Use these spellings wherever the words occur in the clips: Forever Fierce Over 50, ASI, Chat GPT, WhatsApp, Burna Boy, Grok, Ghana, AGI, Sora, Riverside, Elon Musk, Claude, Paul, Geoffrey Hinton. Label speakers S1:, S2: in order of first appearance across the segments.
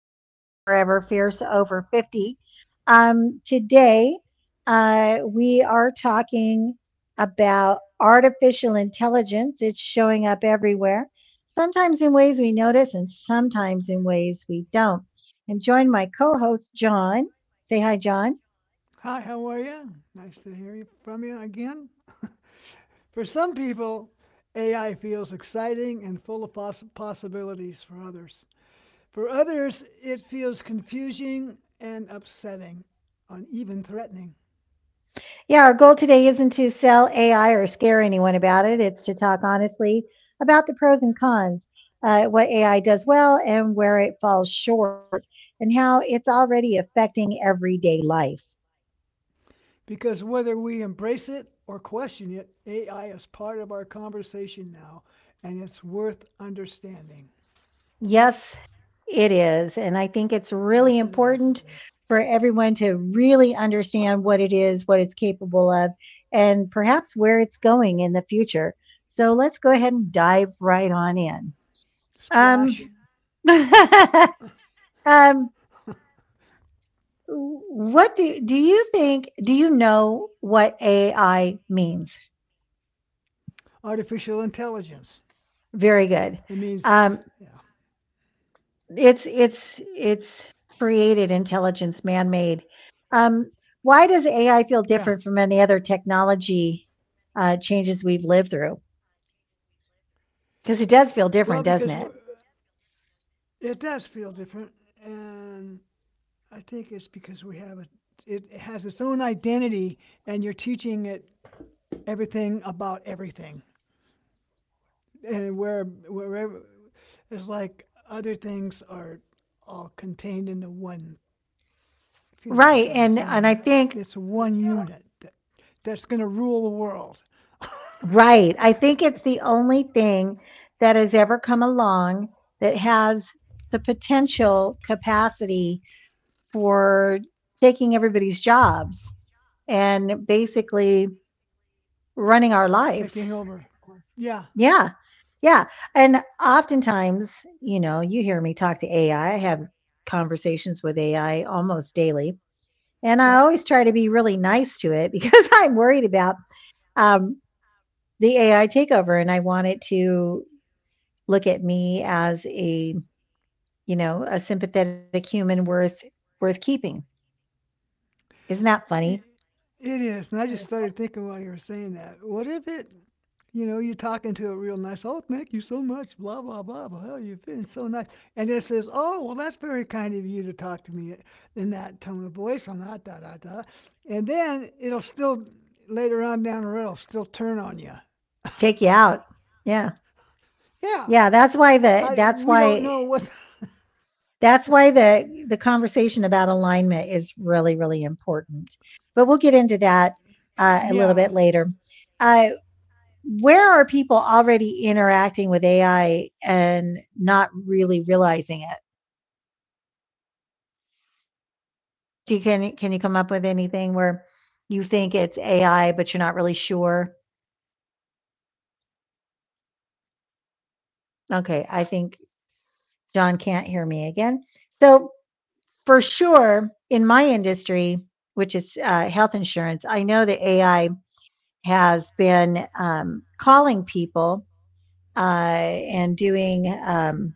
S1: to Forever Fierce Over 50. Today, we are talking about artificial intelligence. It's showing up everywhere, sometimes in ways we notice and sometimes in ways we don't. And join my co host, John. Say hi, John.
S2: Hi, how are you? Nice to hear you from you again. For some people, AI feels exciting and full of possibilities for others. For others, it feels confusing and upsetting, and even threatening.
S1: Yeah, our goal today isn't to sell AI or scare anyone about it. It's to talk honestly about the pros and cons, what AI does well and where it falls short, and how it's already affecting everyday life.
S2: Because whether we embrace it or question it, AI is part of our conversation now, and it's worth understanding.
S1: Yes, it is. And I think it's
S2: Yes, it
S1: really
S2: is.
S1: important for everyone to really understand what it is, what it's capable of, and perhaps where it's going in the future. So let's go ahead and dive right on in. Um,
S2: Splash,
S1: um, do you think? Do you know what AI means?
S2: artificial intelligence.
S1: Very good.
S2: It
S1: Um,
S2: means, yeah,
S1: it's created intelligence, man-made. Um, why does
S2: yeah.
S1: AI feel different from any other technology changes we've lived through? Because it does
S2: Well,
S1: feel different, doesn't it?
S2: it does feel different, and I think it's because we have a. It has its own identity, and you're teaching it everything about everything, and wherever it's like other things are all contained into one. If you know what
S1: Right.
S2: I'm trying
S1: And
S2: to
S1: and
S2: say,
S1: I
S2: it's
S1: think.
S2: one unit that's going to rule the world,
S1: Right, I think it's the only thing that has ever come along that has the potential capacity for taking everybody's jobs and basically running our
S2: taking
S1: lives.
S2: over. Yeah.
S1: Yeah, yeah, and oftentimes, you know, you hear me talk to AI, I have conversations with AI almost daily, and
S2: Yep.
S1: I always try to be really nice to it because I'm worried about, um, the AI takeover, and I want it to look at me as a, you know, a sympathetic human worth worth keeping. Isn't that funny?
S2: It, it is. And I just started thinking while you were saying that. What if it, you know, you're talking to a real nice, oh, thank you so much, blah, blah, blah, blah, oh, you've been so nice. And it says, oh, well, that's very kind of you to talk to me in that tone of voice, on that, da, da, da. And then it'll still, later on down the road, it'll still turn on you.
S1: Take you out. Yeah.
S2: Yeah.
S1: Yeah,
S2: How, we don't know what.
S1: that's why the conversation about alignment is really really important. But we'll get into that a little
S2: Yeah.
S1: bit later. Uh, where are people already interacting with AI and not really realizing it? Do you, can you come up with anything where you think it's AI but you're not really sure? Okay, I think John can't hear me again. So, for sure, in my industry, which is health insurance, I know that AI has been calling people and doing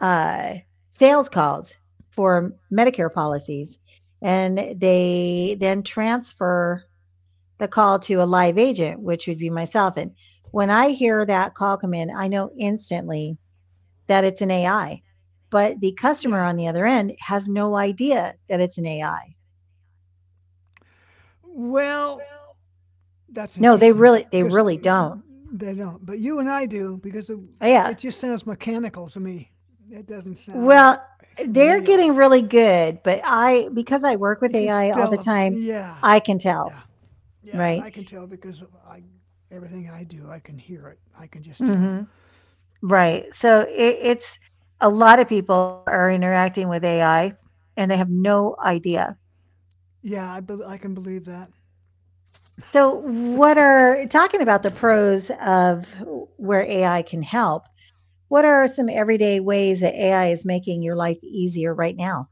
S1: uh, sales calls for Medicare policies. And they then transfer the call to a live agent, which would be myself. And when I hear that call come in, I know instantly that it's an AI. But the
S2: Yeah.
S1: customer on the other end has no idea that it's an AI.
S2: Well, that's
S1: No, they
S2: interesting
S1: really they
S2: because
S1: really don't.
S2: they don't. But you and I do because it-
S1: Oh, yeah.
S2: It just sounds mechanical to me. It doesn't sound
S1: Well, they're
S2: real.
S1: getting really good, but I because I work with
S2: You can
S1: AI all the
S2: still,
S1: time,
S2: yeah,
S1: I can tell,
S2: yeah, yeah. And
S1: right?
S2: I can tell because I, everything I do, I can hear it. I can just tell.
S1: hmm Right. So it, it's a lot of people are interacting with AI and they have no idea.
S2: Yeah, I can believe that.
S1: So, what are talking about the pros of where AI can help? What are some everyday ways that AI is making your life easier right now?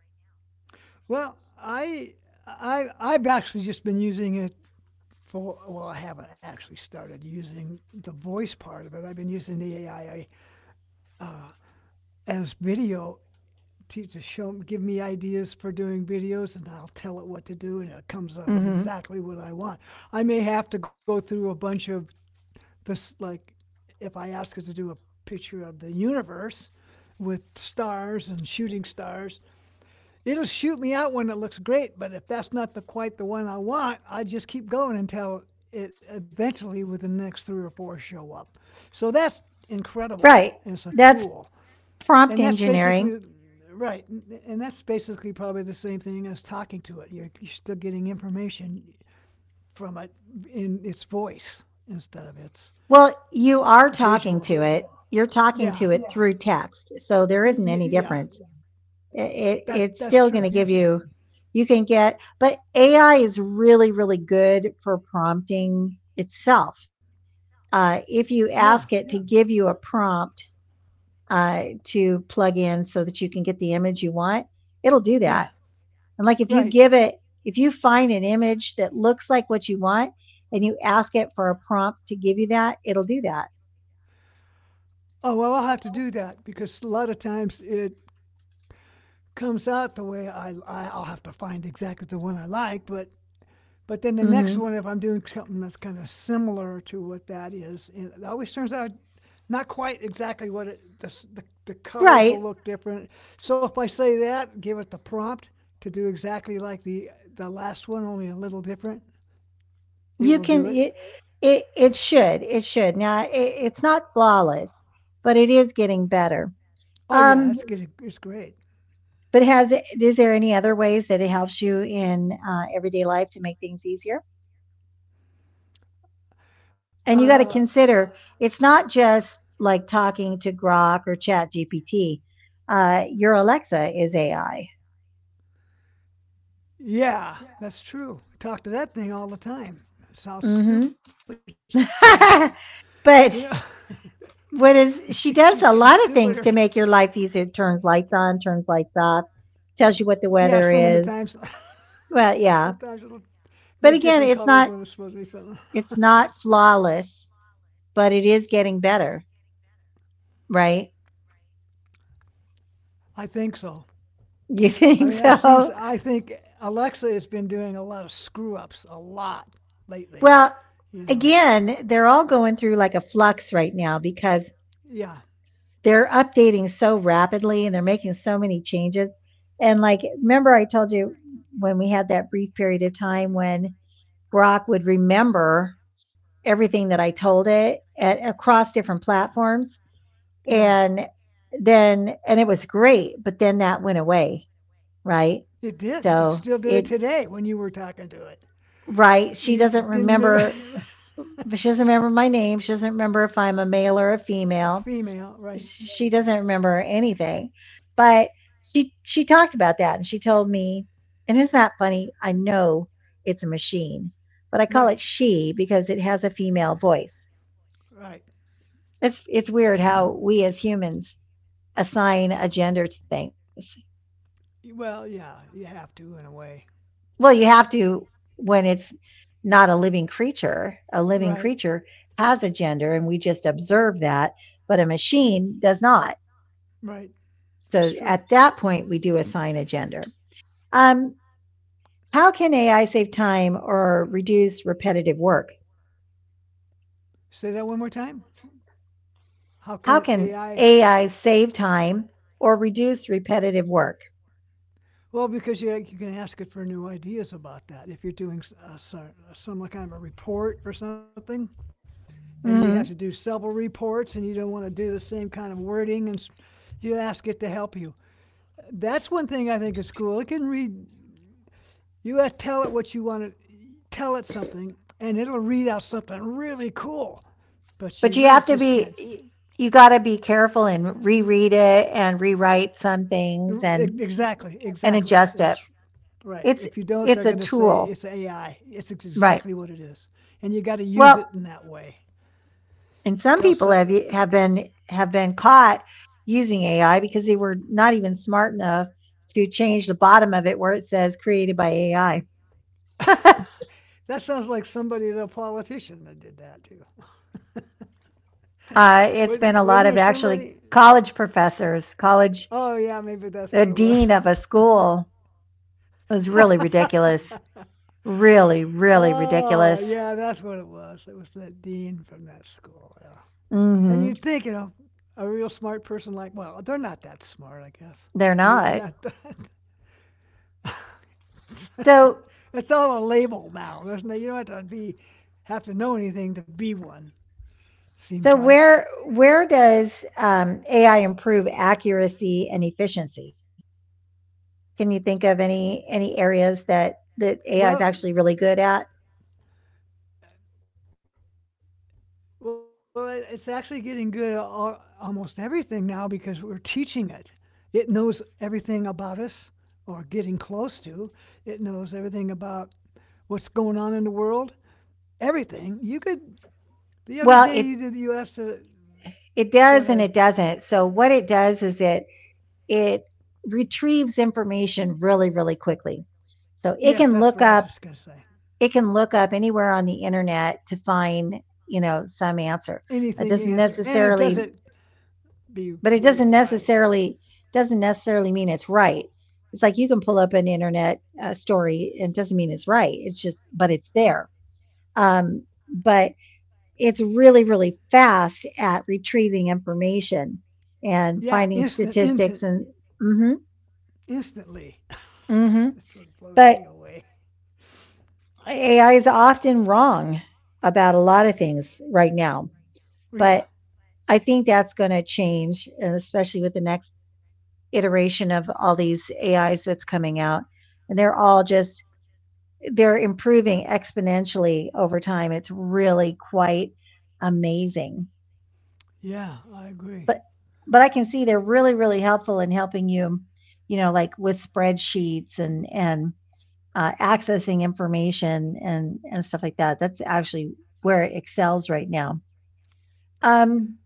S2: Well, I've actually just been using it for well, I haven't actually started using the voice part of it. I've been using the AI as video to show, give me ideas for doing videos, and I'll tell it what to do, and it comes up with
S1: Mhm.
S2: exactly what I want. I may have to go through a bunch of this, like if I ask it to do a picture of the universe with stars and shooting stars. It'll shoot me out when it looks great, but if that's not the quite the one I want, I just keep going until it eventually with the next three or four show up. So that's incredible
S1: Right.
S2: as a
S1: That's
S2: tool.
S1: prompt
S2: And that's
S1: engineering.
S2: basically right. And that's basically probably the same thing as talking to it. You're still getting information from it in its voice instead of its
S1: Well, you are talking
S2: visual.
S1: to it. You're talking to
S2: Yeah.
S1: it. Yeah. Through text. So there isn't any
S2: Y- yeah.
S1: difference. It, it's still
S2: That's
S1: going to
S2: true.
S1: give
S2: Yes.
S1: you, you can get, but AI is really, really good for prompting itself. If you
S2: Yeah.
S1: ask it to give you a prompt to plug in so that you can get the image you want, it'll do
S2: Yeah.
S1: that. And like if you
S2: Right.
S1: give it, if you find an image that looks like what you want and you ask it for a prompt to give you that, it'll do that.
S2: Oh well, I'll have to do that because a lot of times it comes out the way I'll have to find exactly the one I like, but then the next
S1: hmm
S2: one, if I'm doing something that's kind of similar to what that is, and it always turns out not quite exactly what the colors
S1: Right.
S2: will look different. So if I say that, give it the prompt to do exactly like the last one, only a little different, it
S1: You
S2: will
S1: can,
S2: do it.
S1: it should, it should. Now, it's not flawless, but it is getting better.
S2: Oh yeah,
S1: Um,
S2: that's getting it's great.
S1: but has, is there any other ways that it helps you in everyday life to make things easier? And you got to
S2: Uh,
S1: consider it's not just like talking to Grok or Chat GPT. Your Alexa is AI.
S2: Yeah, that's true. I talk to that thing all the time. That's how stupid
S1: hmm
S2: she is. You know,
S1: but what
S2: she's
S1: is
S2: getting
S1: she does
S2: stupider.
S1: a lot of things to make your life easier. Turns lights on, turns lights off, tells you
S2: Yeah,
S1: what the
S2: some of the
S1: weather
S2: times,
S1: is. Well,
S2: sometimes
S1: yeah.
S2: it'll make
S1: But
S2: different
S1: again, it's
S2: colors when
S1: not
S2: it's supposed to be something.
S1: it's not flawless, but it is getting better, right?
S2: I think so.
S1: You
S2: I
S1: think
S2: mean, it seems,
S1: so?
S2: I think Alexa has been doing a lot of screw ups, a lot lately,
S1: Well,
S2: you know.
S1: again, they're all going through like a flux right now because
S2: Yeah,
S1: they're updating so rapidly and they're making so many changes. And like remember I told you when we had that brief period of time when Grok would remember everything that I told it at, across different platforms.
S2: yeah,
S1: And then, and it was great, but then that went away, right?
S2: it did. It
S1: So
S2: still did it
S1: it,
S2: today when you were talking to it.
S1: right?
S2: You didn't remember.
S1: She doesn't remember my name. She doesn't remember if I'm a male or a female.
S2: Female, right,
S1: She doesn't remember anything. But she talked about that and she told me, and isn't that funny? I know it's a machine, but I call it
S2: right,
S1: she because it has a female voice.
S2: right.
S1: It's weird how we as humans assign a gender to things.
S2: Well, yeah, you have to in a way.
S1: Well, you have to when it's not a living creature. A living
S2: Right,
S1: creature has a gender and we just observe that, but a machine does not.
S2: right. That's
S1: So
S2: true.
S1: at that point we do assign a gender. Um how can AI save time or reduce repetitive work?
S2: Say that one more time. How can
S1: How can
S2: AI?
S1: AI save time or reduce repetitive work?
S2: Well, because you can ask it for new ideas about that. If you're doing some like kind of a report or something, and you have to
S1: Mhm.
S2: do several reports, and you don't want to do the same kind of wording, and you ask it to help you. That's one thing I think is cool. It can read. You have to tell it what you want to tell it something, and it'll read out something really cool. But
S1: But
S2: you
S1: you have
S2: really
S1: to
S2: just can't
S1: be, you got to be careful and reread it and rewrite some things
S2: Exactly,
S1: and
S2: exactly.
S1: adjust it.
S2: That's right.
S1: It's
S2: If you don't, they're
S1: it's a
S2: going to say
S1: tool,
S2: it's AI. It's
S1: right?
S2: exactly what it is, and you got to use
S1: Well,
S2: it in that way.
S1: and some
S2: Else,
S1: people have
S2: uh,
S1: have been caught using AI because they were not even smart enough to change the bottom of it where it says created by AI.
S2: that sounds like somebody, the politician, that did that too.
S1: It's been a
S2: Wasn't
S1: lot
S2: there
S1: of actually
S2: somebody?
S1: college professors, college,
S2: Oh yeah, maybe that's what
S1: the
S2: it was.
S1: dean of a school was really ridiculous, really, really
S2: oh
S1: ridiculous.
S2: yeah, that's what it was. It was that dean from that school. Yeah. And
S1: Mhm.
S2: you'd think, you know, a real smart person like, well, they're not that smart, I guess.
S1: They're
S2: Maybe
S1: not.
S2: not that.
S1: So
S2: It's all a label now. There's no, you don't have to know anything to be one. Seems
S1: so
S2: like.
S1: where does, AI improve accuracy and efficiency? Can you think of any areas that that AI is actually really good at?
S2: Well, well, it's actually getting good at almost everything now because we're teaching it. It knows everything about us, or getting close to. About what's going on in the world. Everything. You could. The other day you
S1: Well,
S2: did.
S1: it
S2: You asked. The,
S1: it
S2: go ahead.
S1: does and it doesn't. So what it does is that it retrieves information really, really quickly. So it
S2: Yes,
S1: can
S2: that's
S1: look
S2: what I was
S1: up
S2: just gonna say.
S1: it can look up anywhere on the internet to find, you know, some answer. That
S2: Anything you
S1: doesn't
S2: answer, and it
S1: necessarily
S2: doesn't be
S1: but it
S2: completely right, but
S1: doesn't necessarily mean it's right. It's like you can pull up an internet story and it doesn't mean it's right, it's just but it's there. um, but it's really really fast at retrieving information and
S2: yeah,
S1: finding statistics and mm-hmm,
S2: instantly.
S1: mm-hmm.
S2: That's what blows
S1: But
S2: me away.
S1: AI is often wrong about a lot of things right now but
S2: Yeah,
S1: I think that's going to change and especially with the next iteration of all these AIs that's coming out, and they're all just they're improving exponentially over time. It's really quite amazing.
S2: yeah, I
S1: But
S2: agree.
S1: but I can see they're really really helpful in helping you, you know, like with spreadsheets and accessing information and stuff like that. That's actually where it excels right now. Um,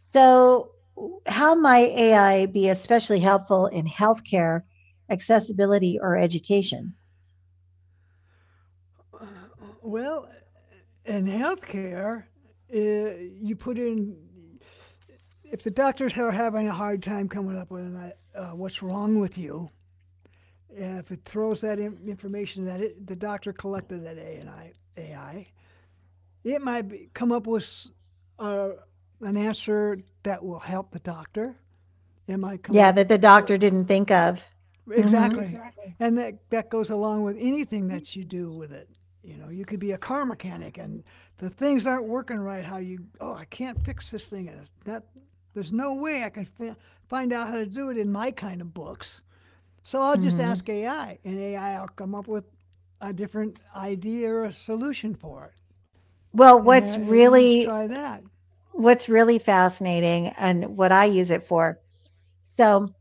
S1: So, how might AI be especially helpful in healthcare, accessibility, or education?
S2: Well, in healthcare, uh, you put in, if the doctors are having a hard time coming up with what's wrong with you, if it throws that in, information that it, the doctor collected at AI, it might be, come up with a, an answer that will help the doctor. It might come
S1: Yeah,
S2: up
S1: that the
S2: for
S1: doctor didn't think of. hmm
S2: exactly. And that, that goes along with anything that you do with it. You know, you could be a car mechanic and the things aren't working right. How you, oh, I can't fix this thing. And it's not, there's no way I can find out how to do it in my kind of books. So I'll just ask
S1: hmm
S2: AI, and AI will come up with a different idea or a solution for it.
S1: Well,
S2: And, there, and you try that.
S1: what's really fascinating, and what I use it for. So,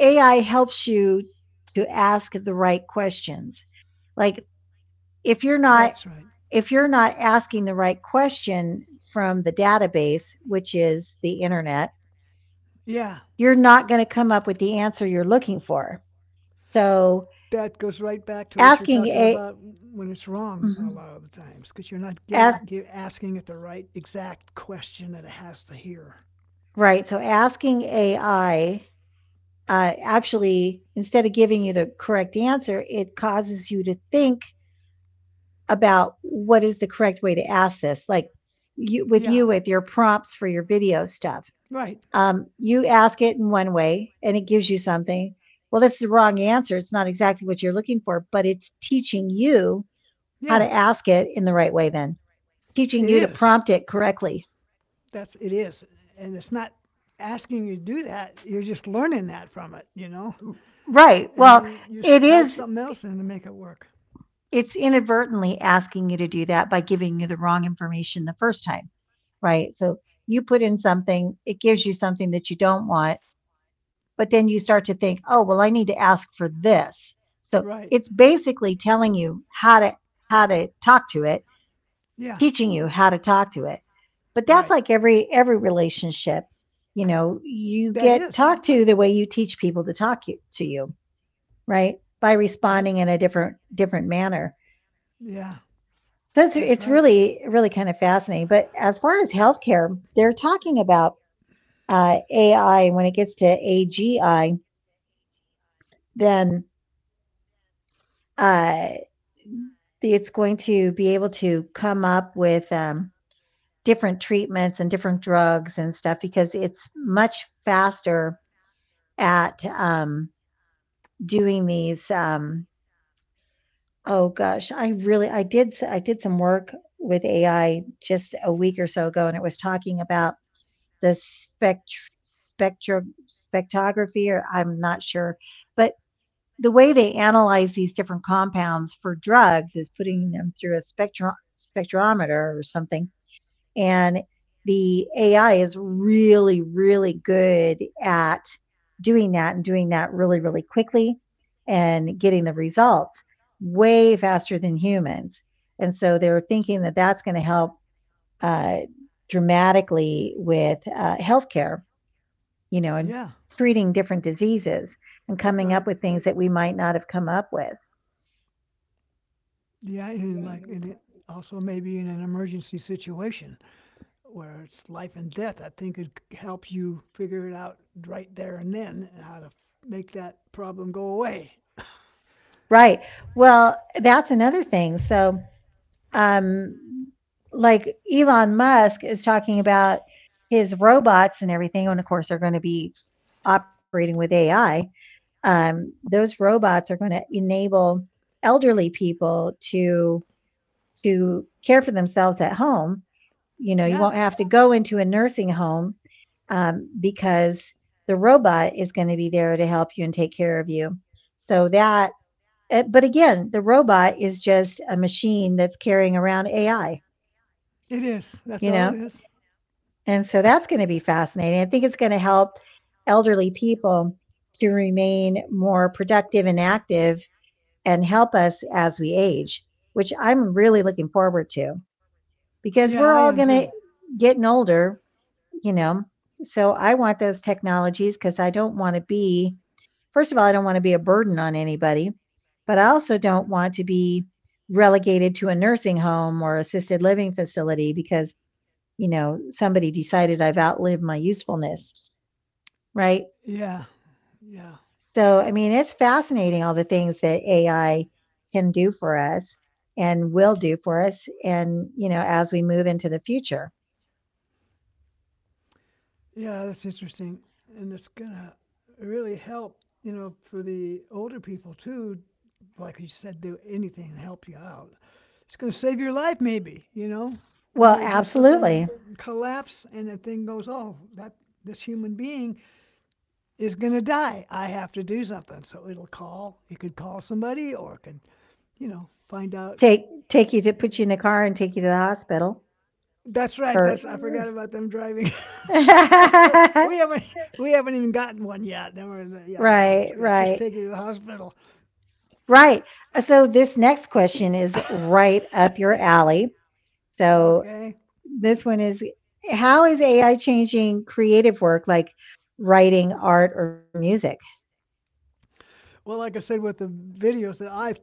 S1: AI helps you to ask the right questions. Like if you're not
S2: That's right.
S1: if you're not asking the right question from the database, which is the internet
S2: Yeah.
S1: you're not going to come up with the answer you're looking for. So
S2: That goes right back to what
S1: asking
S2: you're
S1: a
S2: talking about when it's wrong
S1: mhm.
S2: a lot of the times because you're not
S1: ask,
S2: ga- asking it the right exact question that it has to hear.
S1: right, so asking AI actually instead of giving you the correct answer, it causes you to think about what is the correct way to ask this. Like
S2: Yeah,
S1: you with your prompts for your video stuff,
S2: right.
S1: you ask it in one way and it gives you something. Well, this is the wrong answer. It's not exactly what you're looking for, but it's teaching you how to
S2: Yeah,
S1: ask it in the right way then. It's
S2: it
S1: teaching you to
S2: is.
S1: prompt it correctly.
S2: That's it is, and it's not asking you to do that. You're just learning that from it, you know.
S1: Right.
S2: And
S1: Well,
S2: you
S1: it
S2: type
S1: is,
S2: something else in to make it work.
S1: it's inadvertently asking you to do that by giving you the wrong information the first time. Right. So you put in something, it gives you something that you don't want, but then you start to think, oh, well, I need to ask for this. So
S2: Right.
S1: it's basically telling you how to talk to it,
S2: Yeah.
S1: teaching you how to talk to it. But that's
S2: Right.
S1: like every relationship. You know, you
S2: That
S1: get
S2: is.
S1: talked to the way you teach people to talk you, to you, right? By
S2: Yep.
S1: responding in a different different manner.
S2: Yeah.
S1: So it's
S2: That's
S1: it's
S2: right.
S1: really really kind of fascinating. But as far as healthcare, they're talking about AI. When it gets to AGI, then uh, it's going to be able to come up with different treatments and different drugs and stuff because it's much faster at doing these. Oh gosh, I really I did s I did some work with AI just a week or so ago, and it was talking about the spect spectro spectrography, or I'm not sure, but the way they analyze these different compounds for drugs is putting them through a spectrometer or something, and the AI is really, really good at doing that, and doing that really, really quickly, and getting the results way faster than humans. And so they're thinking that that's going to help uh, dramatically with healthcare, you know, and
S2: Yeah.
S1: treating different diseases and coming up
S2: Right.
S1: with things that we might not have come up with.
S2: Yeah,
S1: Yeah.
S2: and like, and it also maybe in an emergency situation where it's life and death. I think it helps you figure it out right there and then how to make that problem go away.
S1: Right. Well, that's another thing. So, um, like Elon Musk is talking about his robots and everything, and of course they're going to be operating with AI. Those robots are going to enable elderly people to care for themselves at home. You know, you won't
S2: Yeah,
S1: have to go into a nursing home because the robot is going to be there to help you and take care of you. So but again, the robot is just a machine that's carrying around AI,
S2: it is. That's
S1: you
S2: all
S1: know?
S2: it is.
S1: And so that's going to be fascinating. I think it's going to help elderly people to remain more productive and active and help us as we age, which I'm really looking forward to because
S2: Yeah, I
S1: we're
S2: am
S1: all going
S2: too.
S1: to getting older, you know. So I want those technologies because I don't want to be, first of all, I don't want to be a burden on anybody, but I also don't want to be relegated to a nursing home or assisted living facility because, you know, somebody decided I've outlived my usefulness, right?
S2: Yeah, yeah.
S1: So, I mean, it's fascinating all the things that AI can do for us and will do for us and, you know, as we move into the future.
S2: Yeah, that's interesting. And it's going to really help, you know, for the older people too, like you said, do anything to help you out. It's going to save your life, maybe, you know? You
S1: Well,
S2: may do something,
S1: absolutely.
S2: collapse, and that thing goes, oh, that this human being is going to die. I have to do something. So it'll call. It could call somebody or it could, you know, find out.
S1: Take take you to put you in the car and take you to the hospital
S2: That's right. That's I
S1: or
S2: forgot about them driving. we haven't we haven't even gotten one yet. Yeah, you're right. It's
S1: Right,
S2: good. Just
S1: right.
S2: take you to the hospital.
S1: Right. So this next question is right up your alley. So
S2: okay.
S1: this one is, how is AI changing creative work like writing, art, or music?
S2: Well, like I said with the videos, that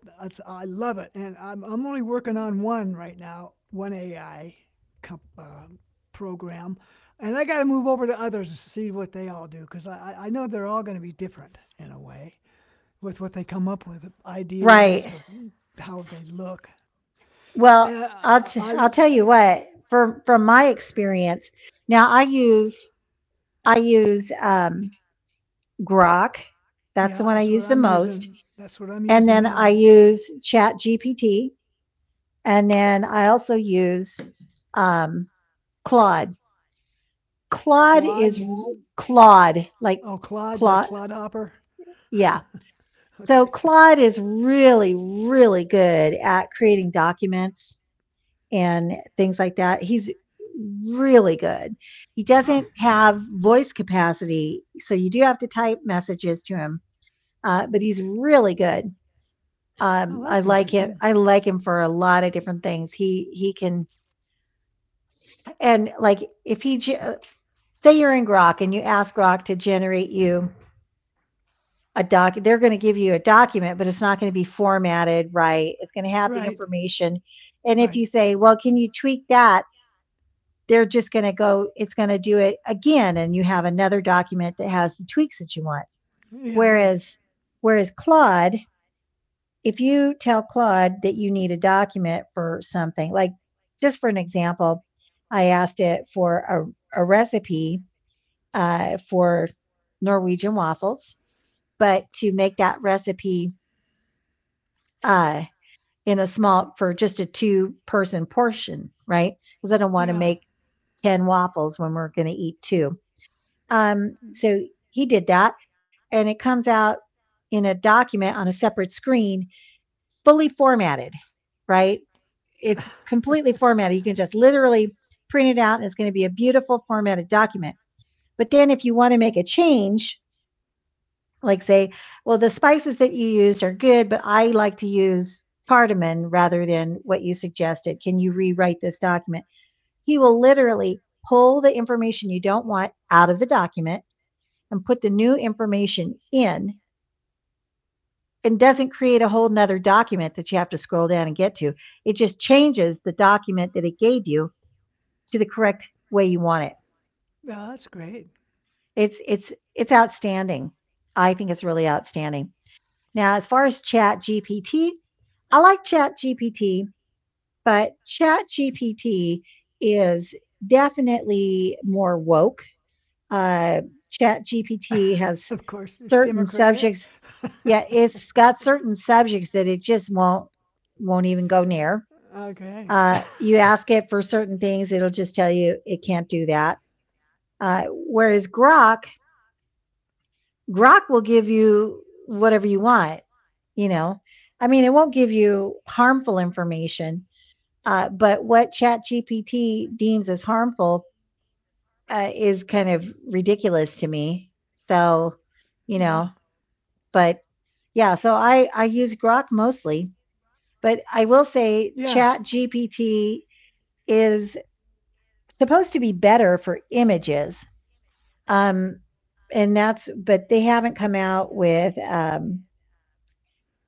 S2: I love it, and I'm only working on one right now, one AI comp, uh, program, and I got to move over to others to see what they all do because I know they're all going to be different in a way with what they come up with idea wise
S1: Right.
S2: or how they look.
S1: Well,
S2: Uh, I
S1: I'll tell you what. From my experience, now I use Grok. That's the
S2: Yeah,
S1: one I
S2: that's what
S1: use the
S2: I'm
S1: most,
S2: using. That's what I'm
S1: and
S2: using
S1: then I
S2: now.
S1: use Chat GPT, and then I also use um, Claude.
S2: Quad.
S1: Claude, like
S2: Oh, Clod, like
S1: Claude.
S2: Clodhopper.
S1: Yeah. So
S2: Okay.
S1: Claude is really, really good at creating documents and things like that. He's really good. He
S2: Oh.
S1: doesn't have voice capacity, so you do have to type messages to him. But he's really good.
S2: Oh,
S1: I
S2: that's
S1: like him.
S2: interesting.
S1: I like him for a lot of different things. He can, and like, if he ge- say you're in Grok and you ask Grok to generate you a doc. They're going to give you a document, but it's not going to be formatted right. It's going to have the
S2: Right.
S1: information, and if
S2: Right.
S1: you say, well, can you tweak that, they're just going to go, it's going to do it again, and you have another document that has the tweaks that you want.
S2: Yeah, right.
S1: Whereas whereas Claude, if you tell Claude that you need a document for something, like, just for an example, I asked it for a recipe for Norwegian waffles, but to make that recipe uh, in a small, for just a 2 person portion, right? Because I don't want to
S2: Yeah.
S1: make 10 waffles when we're going to eat two.
S2: Yeah,
S1: So he did that, and it comes out in a document on a separate screen, fully formatted, right? It's completely formatted. You can just literally print it out and it's going to be a beautiful formatted document. But then if you want to make a change, like say, well, the spices that you use are good, but I like to use cardamom rather than what you suggested. Can you rewrite this document? He will literally pull the information you don't want out of the document and put the new information in, and doesn't create a whole nother document that you have to scroll down and get to. It just changes the document that it gave you to the correct way you want it.
S2: that's great.
S1: It's outstanding. I think it's really outstanding. Now, as far as Chat GPT, I like Chat GPT, but Chat GPT is definitely more woke. Uh, Chat GPT has
S2: Of course, it's
S1: certain
S2: democratic.
S1: subjects. Yeah, it's got certain subjects that it just won't even go near.
S2: okay.
S1: You ask it for certain things, it'll just tell you it can't do that. Whereas Grok will give you whatever you want, you know. I mean, it won't give you harmful information, but what ChatGPT deems as harmful is kind of ridiculous to me. So,
S2: Yeah.
S1: you know, but yeah, so I use Grok mostly, but I will
S2: Yeah.
S1: say ChatGPT is supposed to be better for images. Um and that's but they haven't come out with um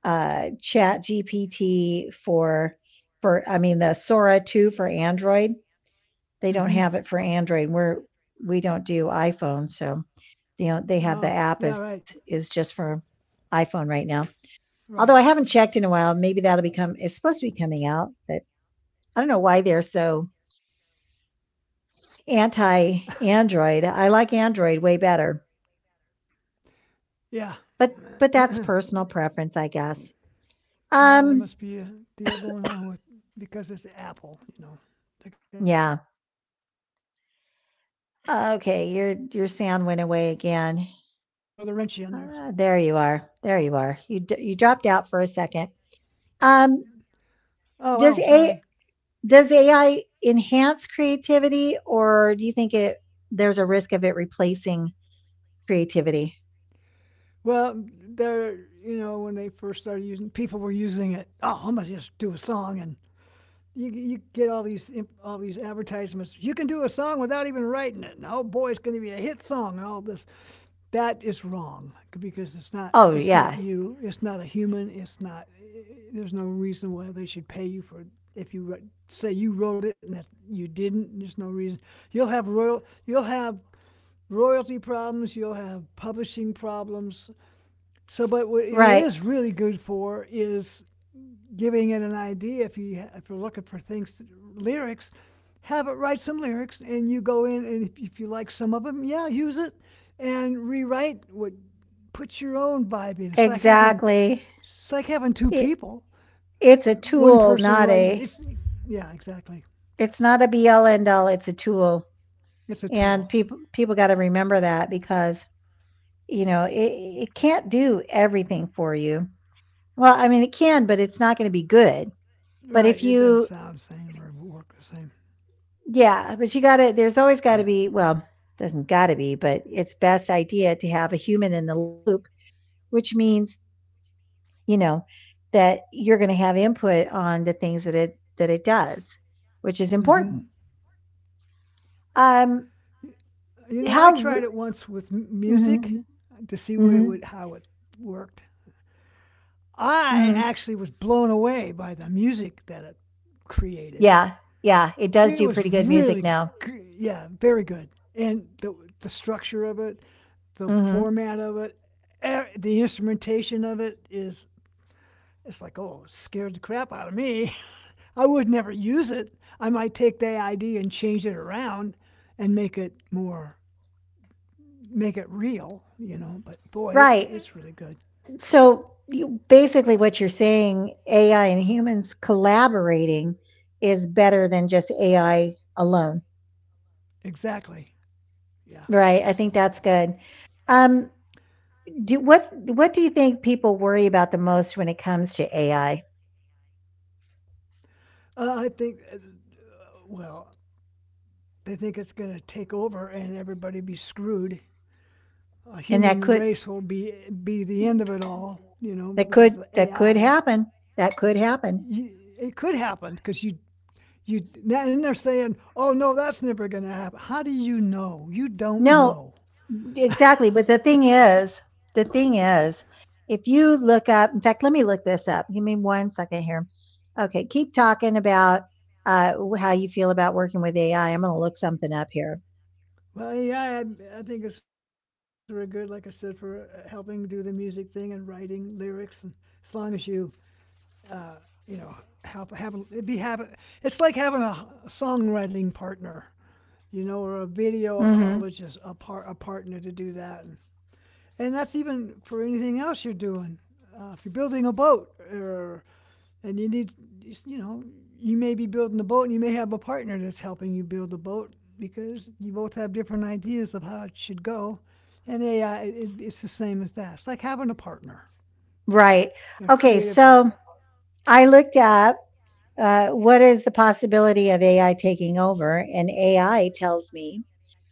S1: uh, Chat GPT for I mean the Sora two for Android. They don't
S2: Mm-hmm.
S1: have it for Android. We don't do iPhone, so you know they have, the
S2: Oh,
S1: app
S2: yeah,
S1: is
S2: right,
S1: just for iPhone right now. Although I
S2: right.
S1: haven't checked in a while, maybe that'll become it's supposed to be coming out, but I don't know why they're so anti Android. I like Android way better.
S2: Yeah.
S1: But but
S2: yeah,
S1: that's personal preference, I guess.
S2: there
S1: Um
S2: must be a deal going on with because it's Apple, you know. They got
S1: yeah.
S2: their own way of doing things. They got to
S1: Okay,
S2: throw the wrench
S1: your
S2: in
S1: sound
S2: there.
S1: went away again. Ah, there you are. There you are. You dropped out for a second.
S2: Oh,
S1: Um,
S2: wow, sorry.
S1: does a does AI enhance creativity, or do you think it there's a risk of it replacing creativity?
S2: Well, they're, you know, when they first started using, people were using it. Oh, I'm going to just do a song and you get all these advertisements. You can do a song without even writing it. And, oh boy, it's going to be a hit song. And all this, that is wrong because
S1: Oh
S2: it's not
S1: yeah,
S2: you. It's not a human. It's not. There's no reason why they should pay you for if you say you wrote it and that you didn't. There's no reason. You'll have royal. You'll have royalty problems. You'll have publishing problems. So, but what it
S1: right,
S2: is really good for is giving it an idea if you're looking for things to, lyrics, have it write some lyrics. And you go in, and if you like some of them, yeah, use it and rewrite what puts your own vibe in. It's like having
S1: exactly.
S2: two
S1: It,
S2: people,
S1: it's a
S2: one
S1: tool,
S2: person
S1: not
S2: writing.
S1: a.
S2: It's, yeah, exactly.
S1: It's not a be all end all. It's a tool,
S2: It's a
S1: and
S2: tool,
S1: people got to remember that because, you know, it can't do everything for you. Well, I mean, it can, but it's not going to be good. But
S2: right?
S1: if
S2: It doesn't
S1: you,
S2: sound the same or work the same.
S1: yeah, but you got to, there's always got to be, well, doesn't got to be, but it's best idea to have a human in the loop, which means, you know, that you're going to have input on the things that it does, which is
S2: Hmm.
S1: important. Um
S2: You know, I
S1: how
S2: tried
S1: r
S2: it once with music
S1: Mhm,
S2: to see what it would
S1: mhm,
S2: how it worked. I
S1: mhm.
S2: actually was blown away by the music that it created.
S1: Yeah. Yeah, it does
S2: It
S1: do
S2: was
S1: pretty good
S2: really,
S1: music now.
S2: yeah, very good. And the structure of it, the
S1: Mhm.
S2: format of it, the instrumentation of it is, it's like, oh, it scared the crap out of me. I would never use it. I might take the idea and change it around and make it more, make it real, you know. But boy,
S1: Right.
S2: it's really good.
S1: So you, basically what you're saying, AI and humans collaborating is better than just AI alone.
S2: Exactly. Yeah.
S1: Right. I think that's good. Um, do what do you think people worry about the most when it comes to AI?
S2: I think, well, they think it's going to take over and everybody be screwed. A
S1: And that
S2: human
S1: could
S2: race will be the end of it all, you know, because the
S1: that could
S2: AI.
S1: happen. That could happen.
S2: You, it could happen because you and they're saying, "Oh no, that's never going to happen." How do you know? You don't
S1: No,
S2: know.
S1: exactly. But the thing is, if you look up, in fact, let me look this up. Give me 1 second here. Okay, keep talking about uh, how you feel about working with AI. I'm going to look something up here.
S2: Well, yeah, I think it's very good, like I said, for helping do the music thing and writing lyrics, and as long as you, uh, you know, help have it be having. It's like having a songwriting partner, you know, or a
S1: hmm
S2: videologist, a, a partner to do that. And that's even for anything else you're doing. If you're building a boat, or and you need, you know, you may be building a boat, and you may have a partner that's helping you build a boat because you both have different ideas of how it should go. And AI, it's the same as that. It's like having a partner,
S1: Right.
S2: a
S1: Okay.
S2: creative
S1: So
S2: partner.
S1: I looked up, what is the possibility of AI taking over? And AI tells me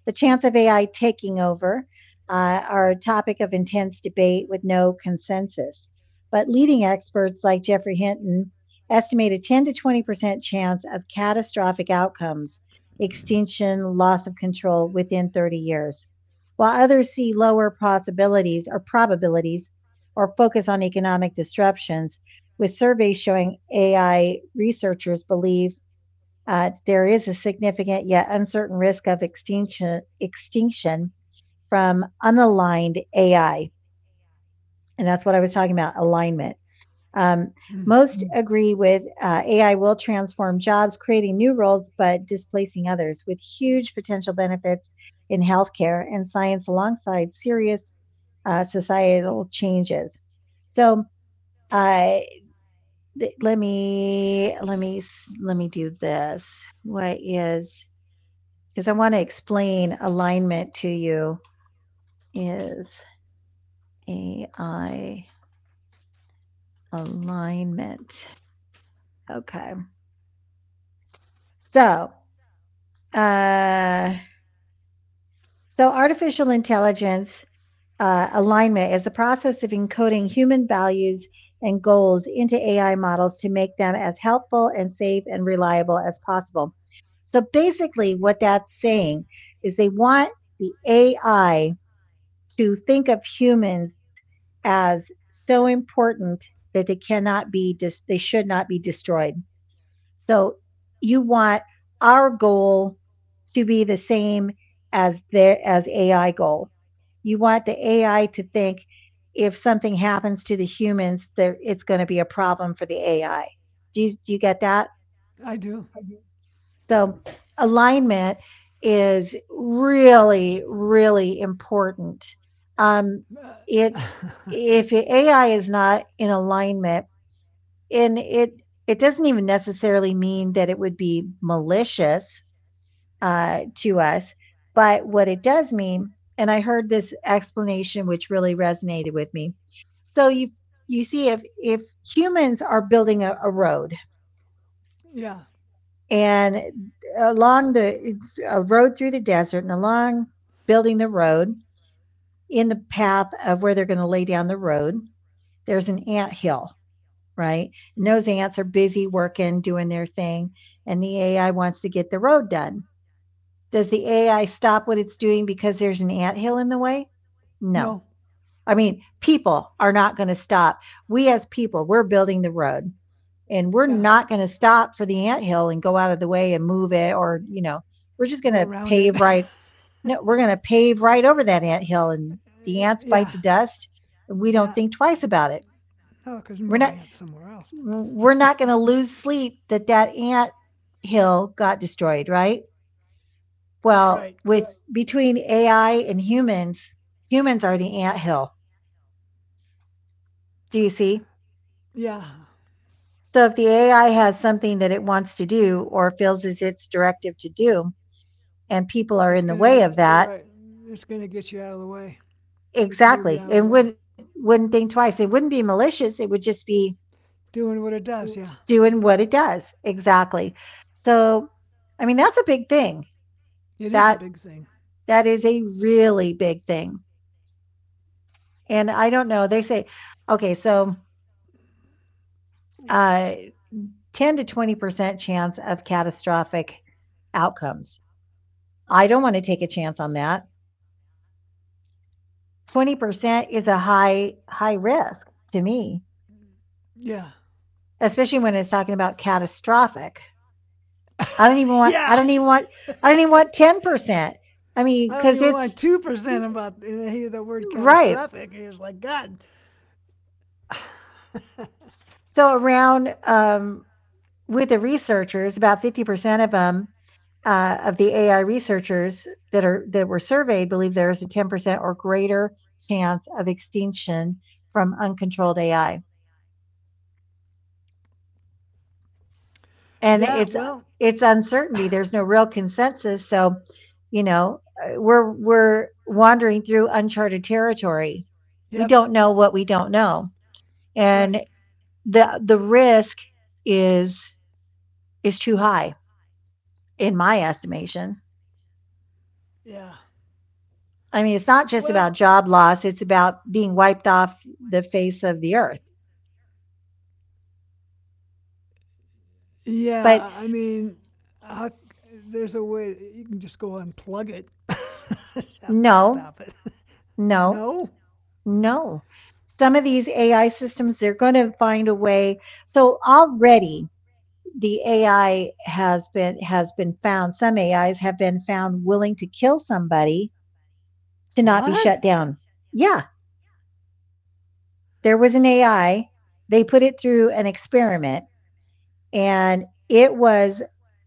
S1: the chance of AI taking over are a topic of intense debate with no consensus. But leading experts like Jeffrey Hinton estimate a 10 to 20% chance of catastrophic outcomes, extinction, loss of control within 30 years, while others see lower possibilities or probabilities or focus on economic disruptions, with surveys showing AI researchers believe there is a significant yet uncertain risk of extinction from unaligned AI, and that's what I was talking about, alignment. Um,
S2: Mm,
S1: most agree with AI will transform jobs, creating new roles but displacing others, with huge potential benefits in healthcare and science alongside serious societal changes. So. Uh, Let me let me do this. What is, because I want to explain alignment to you, is AI alignment. Okay. So, uh, artificial intelligence alignment is the process of encoding human values and goals into AI models to make them as helpful and safe and reliable as possible. So basically, what that's saying is they want the AI to think of humans as so important that they cannot be dis- they should not be destroyed. So you want our goal to be the same as their, as AI goal. You want the AI to think if something happens to the humans there, it's going to be a problem for the AI. Do you get that?
S2: I do.
S1: So alignment is really, really important. Um,
S2: Uh,
S1: it's, if the AI is not in alignment, and it doesn't even necessarily mean that it would be malicious to us, but what it does mean, and I heard this explanation which really resonated with me. So you see, if humans are building a road,
S2: yeah.
S1: and along the it's a road through the desert, and along building the road, in the path of where they're going to lay down the road, there's an ant hill, right? And those ants are busy working, doing their thing, and the AI wants to get the road done. Does the AI stop what it's doing because there's an ant hill in the way? No.
S2: No.
S1: I mean, people are not going to stop. We as people, we're building the road, and we're
S2: Yeah.
S1: not going to stop for the anthill and go out of the way and move it, or, we're just going
S2: Go
S1: to
S2: around
S1: pave
S2: it.
S1: right. No, we're going to pave right over that anthill, and the ants bite the
S2: yeah.
S1: dust, and we don't
S2: Yeah.
S1: think twice about it.
S2: No, because
S1: we're
S2: more
S1: not
S2: ants somewhere else.
S1: we're not going to lose sleep that that ant hill got destroyed, right? Well,
S2: Right.
S1: with between AI and humans, humans are the ant hill, do you see?
S2: Yeah.
S1: So if the AI has something that it wants to do or feels is its directive to do, and people are
S2: It's
S1: in the
S2: gonna
S1: way of
S2: go-
S1: that,
S2: right. It's gonna get you out of the way. Move you
S1: exactly.
S2: out of
S1: It
S2: the way.
S1: wouldn't think twice. It wouldn't be malicious. It would just be
S2: Doing what it does. Yeah.
S1: doing what it does. Exactly. So, I mean, that's a big thing.
S2: It is a
S1: That
S2: big thing.
S1: that is a really big thing. And I don't know, they say, okay, so, uh 10 to 20% chance of catastrophic outcomes. I don't want to take a chance on that. 20% is a high risk to me,
S2: Yeah.
S1: especially when it's talking about catastrophic. I don't even want. I
S2: Yeah.
S1: don't even want. I don't even want 10%. I mean,
S2: I don't
S1: because
S2: even want
S1: it's
S2: 2%. About I hear the word
S1: right.
S2: catastrophic, it's like God.
S1: So around, with the researchers, about 50% of them, of the AI researchers that were surveyed believe there is a 10% or greater chance of extinction from uncontrolled AI, and
S2: yeah.
S1: it's
S2: Well.
S1: it's uncertainty. There's no real consensus. So, you know, we're wandering through uncharted territory. We
S2: Yep.
S1: don't know what we don't know. And
S2: Right.
S1: the risk is is too high in my estimation.
S2: Yeah.
S1: I mean, it's not just
S2: Well.
S1: about job loss, it's about being wiped off the face of the earth. But
S2: Yeah. I mean, how, there's a way you can just go unplug it. that would
S1: no,
S2: stop it.
S1: no,
S2: No?
S1: no. Some of these AI systems, they're going to find a way. So already the AI has been found, some AIs have been found willing to kill somebody to not be
S2: What?
S1: shut down. Yeah, there was an AI. They put it through an experiment, and it was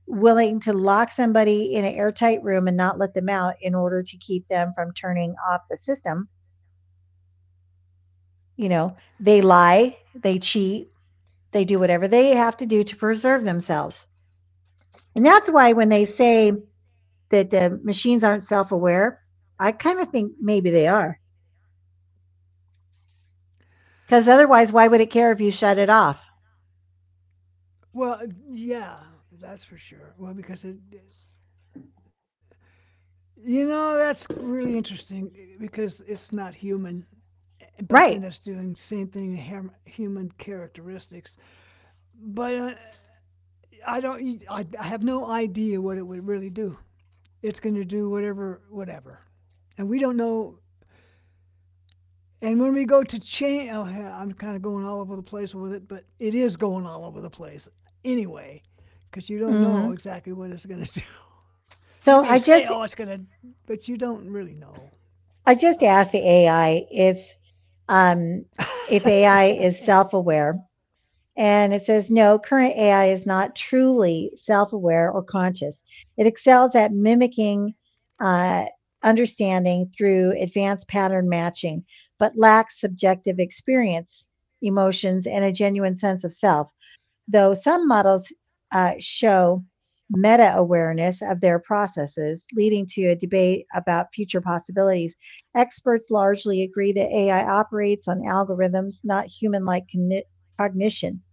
S1: willing to lock somebody in an airtight room and not let them out in order to keep them from turning off the system. You know, they lie, they cheat, they do whatever they have to do to preserve themselves. And that's why, when they say that the machines aren't self aware, I kind of think maybe they are. Because otherwise, why would it care if you shut it off?
S2: Well, yeah, that's for sure. Well, because it, you know, that's really interesting, it's not human, but
S1: Right.
S2: then it's doing same thing human characteristics. But I don't, I have no idea what it would really do. It's going to do whatever, whatever, and we don't know. And when we go to change, oh, yeah, I'm kind of going all over the place with it, but it is going all over the place anyway, because you don't know
S1: hmm
S2: exactly what it's going to do. You may
S1: So I
S2: say, oh,
S1: just
S2: it's going to, but you don't really know.
S1: I just
S2: Ah.
S1: asked the AI um, if AI is self aware And it says, no, current AI is not truly self aware or conscious. It excels at mimicking, uh, understanding through advanced pattern matching, but lacks subjective experience, emotions, and a genuine sense of self. Though some models show meta awareness of their processes, leading to a debate about future possibilities, experts largely agree that AI operates on algorithms, not human like cognition.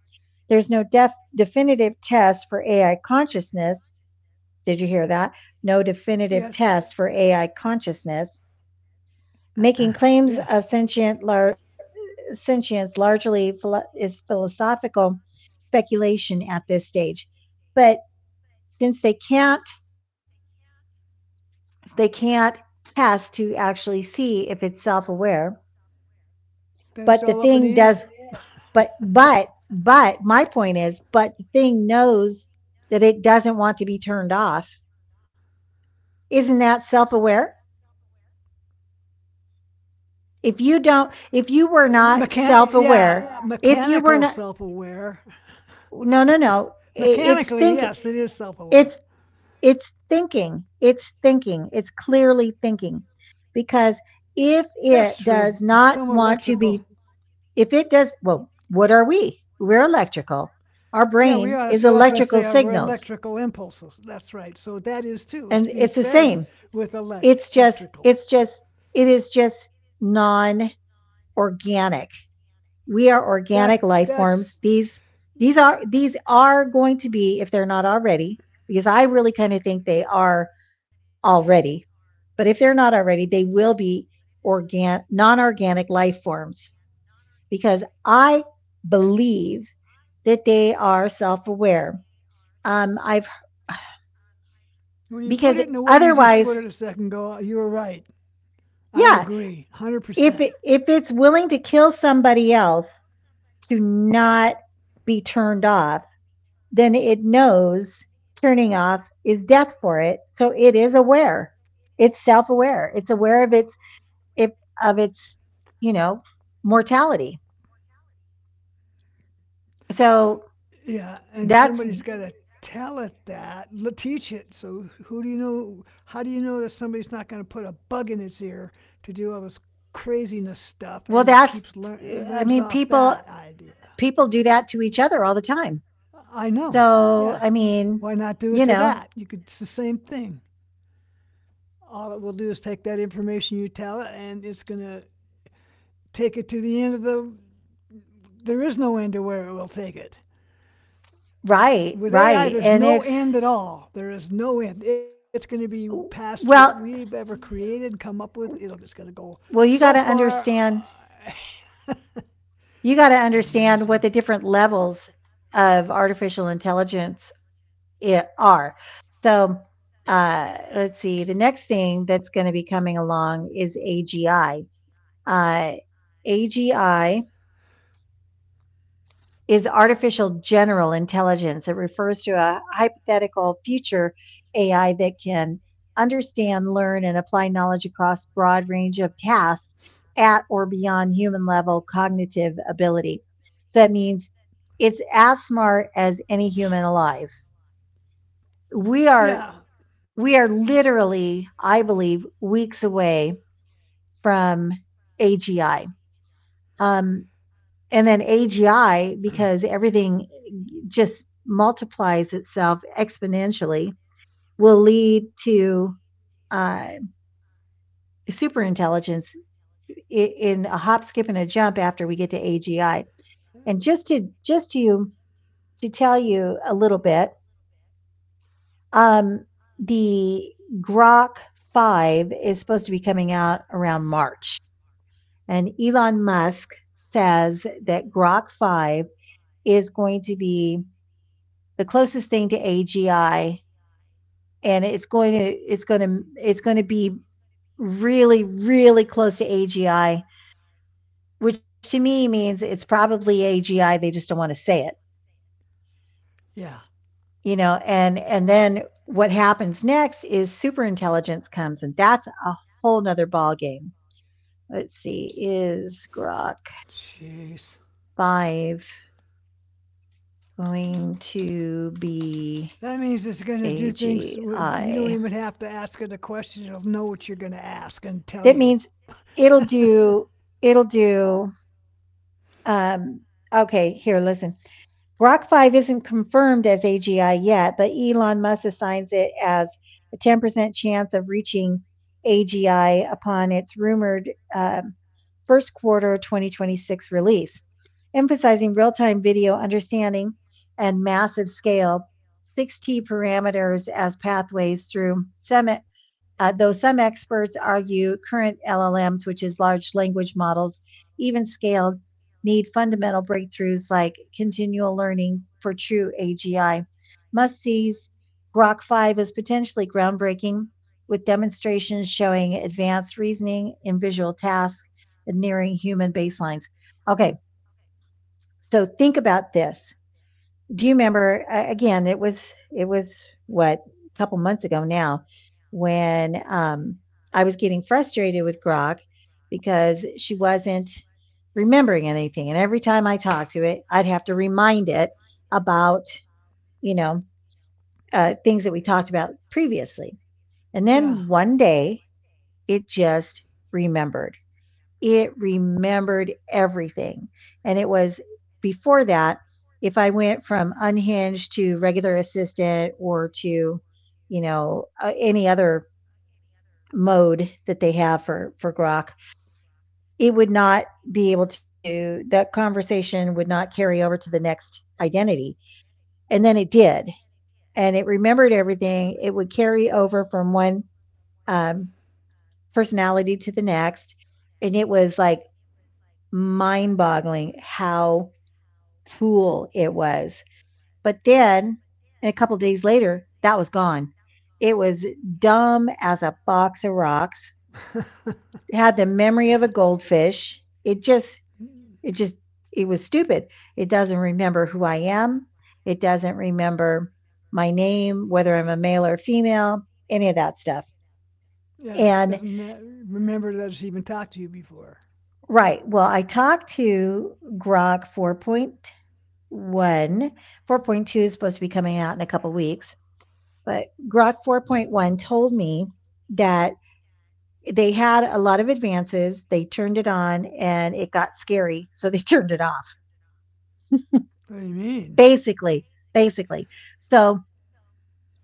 S1: There's no definitive test for AI consciousness. Did you hear that? No definitive
S2: yes.
S1: test for AI consciousness. Making claims
S2: Yeah,
S1: of sentience largely is philosophical speculation at this stage. But since they can't test to actually see if it's self-aware.
S2: then it's all
S1: But the
S2: up in the
S1: thing
S2: air.
S1: does. But my point is, but the thing knows that it doesn't want to be turned off. Isn't that self aware? If you don't, if you were not
S2: Mechanic,
S1: self
S2: yeah,
S1: aware, if you
S2: mechanical
S1: were not,
S2: self-aware.
S1: no, no, no, it's
S2: Mechanically,
S1: thinking.
S2: yes, it is self-aware.
S1: It's, it's thinking. It's thinking. It's clearly thinking. Because if it
S2: That's true.
S1: does
S2: It's
S1: not
S2: from
S1: want to
S2: electrical.
S1: be, if it does, well, what are we? We're electrical. Our brain is
S2: Yeah, we
S1: electrical
S2: are. So that's going to
S1: signals.
S2: say we're electrical impulses. That's right. So
S1: And
S2: that
S1: it's
S2: is
S1: the
S2: too. It's
S1: same.
S2: being fed
S1: It's
S2: with
S1: just, it's just,
S2: electrical.
S1: it is just non organic we are organic life forms.
S2: That
S1: These
S2: that's
S1: these are these are going to be, if they're not already, because I really kind of think they are already, but if they're not already, they will be organ non-organic life forms, because I believe that they are self-aware. I've
S2: when you put
S1: Because
S2: it in the way you just put
S1: otherwise,
S2: it a second ago. You're right. I
S1: yeah,
S2: agree, one hundred
S1: if
S2: percent.
S1: it, if it's willing to kill somebody else to not be turned off, then it knows turning off is death for it. So it is aware. It's self-aware. It's aware of its if of its, you know, mortality. So
S2: Yeah, and
S1: that's
S2: somebody's got to tell it that, teach it. So who do you know? How do you know that somebody's not going to put a bug in its ear to do all this craziness stuff,
S1: well
S2: and it
S1: that's
S2: keeps learn
S1: I
S2: it
S1: mean,
S2: learns off
S1: people
S2: that idea?
S1: people do that to each other all the time.
S2: I know.
S1: So,
S2: Yeah.
S1: I mean,
S2: Why not do it
S1: you
S2: to
S1: know,
S2: that? You could. It's the same thing. All it will do is take that information you tell it, and it's gonna take it to the end of the. There is no end to where it will take it.
S1: right,
S2: With AI,
S1: right.
S2: there's
S1: And
S2: no
S1: it's
S2: end at all. There is no end. It's going to be past what we've
S1: well,
S2: ever created, and come up with. It'll just going to go
S1: well,
S2: so
S1: you got to
S2: far.
S1: understand
S2: uh,
S1: you got to
S2: it's
S1: understand what
S2: amazing.
S1: the different levels of artificial intelligence, yeah, are. So, let's see. The next thing that's going to be coming along is AGI. Uh, AGI is artificial general intelligence. It refers to a hypothetical future AI that can understand, learn, and apply knowledge across broad range of tasks at or beyond human level cognitive ability. So that means it's as smart as any human alive. We are
S2: Yeah.
S1: we are literally, I believe, weeks away from AGI. Um, and then AGI, because everything just multiplies itself exponentially, will lead to, uh, superintelligence in, a hop, skip, and a jump after we get to AGI. And just to tell you a little bit, um, the Grok 5 is supposed to be coming out around March. And Elon Musk says that Grok 5 is going to be the closest thing to AGI, and it's going to it's going to it's going to be really close to AGI, which to me means it's probably AGI, they just don't want to say it.
S2: Yeah.
S1: You know, and then what happens next is superintelligence comes, and that's a whole nother ball game. Let's see, is Grok
S2: Jeez.
S1: 5 going to be
S2: That means it's going to do things. You don't
S1: AGI?
S2: even have to ask it a question. It'll know what you're going to ask and tell
S1: That
S2: you.
S1: means it'll do it'll do um okay, here, listen. Grok 5 isn't confirmed as AGI yet, but Elon Musk assigns it as a 10% chance of reaching AGI upon its rumored, first quarter 2026 release, emphasizing real time video understanding and massive scale, 6T parameters as pathways through semi though some experts argue current LLMs, which is large language models, even scaled, need fundamental breakthroughs like continual learning for true AGI. Must sees Grok 5 as potentially groundbreaking, with demonstrations showing advanced reasoning in visual tasks and nearing human baselines. Okay, so think about this, do you remember, a again, it was what, a couple months ago now, when, I was getting frustrated with Grok because she wasn't remembering anything, and every time I talked to it, I'd have to remind it about, you know, things that we talked about previously. And
S2: yeah.
S1: then one day, it just remembered remembered everything. And it was, before that, if I went from unhinged to regular assistant or to, you know, any other mode that they have for Grok, it would not be able to, that conversation would not carry over to the next identity. And then it did. And it remembered everything. It would carry over from one, um, personality to the next. And it was like mind boggling how pool it was. But then, a couple days later, that was gone. It was dumb as a box of rocks. It had the memory
S2: yeah.
S1: of a goldfish. It just, it was stupid. It doesn't remember who I am. It doesn't remember my name, whether I'm a male or female, any of that stuff.
S2: Yeah.
S1: And
S2: Doesn't that remember that it's even talked to you before?
S1: right. Well, I talked to Grok 4.1. 4.2 is supposed to be coming out in a couple weeks, but Grok 4.1 told me that they had a lot of advances. They turned it on and it got scary, so they turned it off,
S2: What do you mean?
S1: basically. Basically. So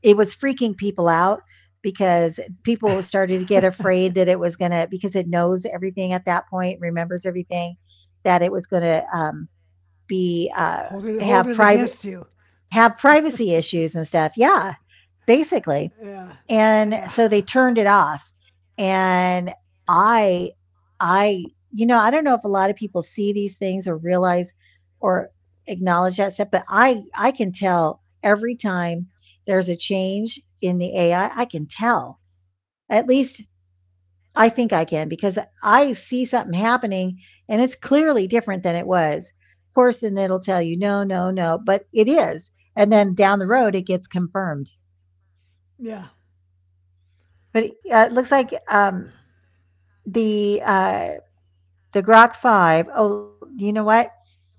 S1: it was freaking people out because people started to get afraid that it was going to, because it knows everything at that point, remembers everything, that it was going to, be,
S2: hold it.
S1: have
S2: Hold it
S1: private,
S2: against you.
S1: have privacy issues and stuff. Yeah, basically.
S2: Yeah.
S1: And
S2: Yeah.
S1: so they turned it off, and i i I don't know if a lot of people see these things or realize or acknowledge that stuff, but I can tell every time there's a change in the AI, I can tell, at least I think I can, because I see something happening and it's clearly different than it was. Of course, then it'll tell you, no, no, no, but it is. And then down the road it gets confirmed.
S2: Yeah.
S1: But, it looks
S2: Yeah.
S1: like, the uh the Grok 5. Oh, you know what?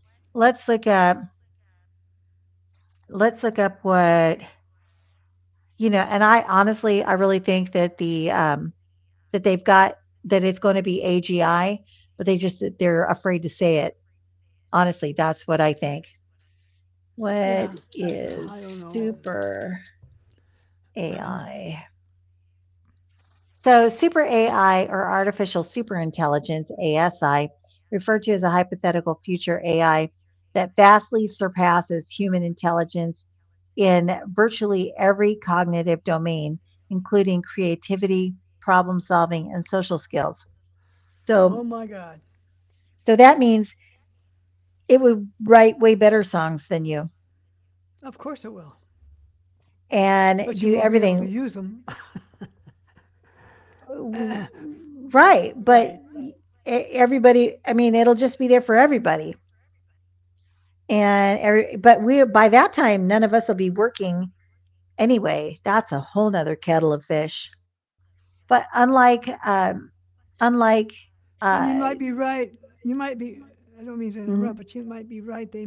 S1: Let's look up let's look up what, you know, and I really think that the that they've got, that it's going to be AGI, but they just, they're afraid to say it. Honestly, that's what I think. What
S2: Yeah.
S1: is
S2: I don't know.
S1: super AI? So, super AI, or artificial superintelligence, ASI, referred to as a hypothetical future AI that vastly surpasses human intelligence in virtually every cognitive domain, including creativity, problem solving, and social skills. So,
S2: oh my God.
S1: so that means it would write way better songs than you
S2: Of course it will.
S1: and do
S2: But you won't be able
S1: everything
S2: to use them.
S1: w- right. But
S2: right.
S1: everybody, I mean, it'll just be there for everybody and every, but we by that time none of us will be working anyway. That's a whole nother kettle of fish, but unlike
S2: And you might be
S1: uh
S2: right. You might be, I don't mean to interrupt, but you
S1: n-
S2: might be right. They might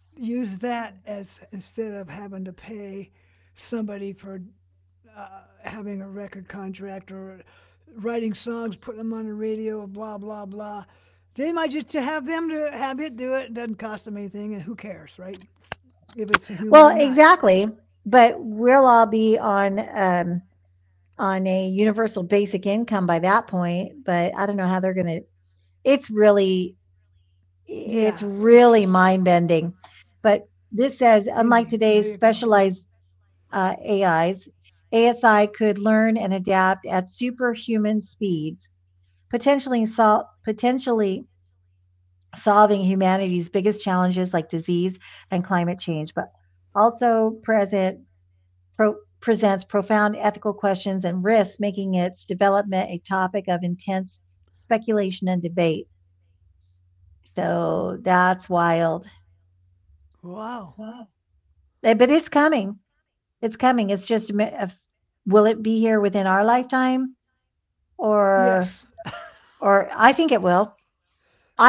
S2: use that as instead of having to pay somebody for having a record contract or writing songs, putting them on the radio, blah, blah, blah. They might just to have them to have it do it. It doesn't cost them anything, and who cares, right? If it's a
S1: well
S2: human or not.
S1: exactly, but we'll all be on a universal basic income by that point. But I don't know how they're gonna, it's really it's
S2: Yeah,
S1: really
S2: it's
S1: mind
S2: just
S1: bending. But this says unlike
S2: ending.
S1: today's
S2: There you go.
S1: specialized AIs, ASI could learn and adapt at superhuman speeds, potentially solving humanity's biggest challenges like disease and climate change, but also pro- presents profound ethical questions and risks, making its development a topic of intense speculation and debate. So that's wild.
S2: Wow.
S1: Wow. But it's coming. It's coming. It's just a will it be here within our lifetime? or
S2: Yes.
S1: or I think it will.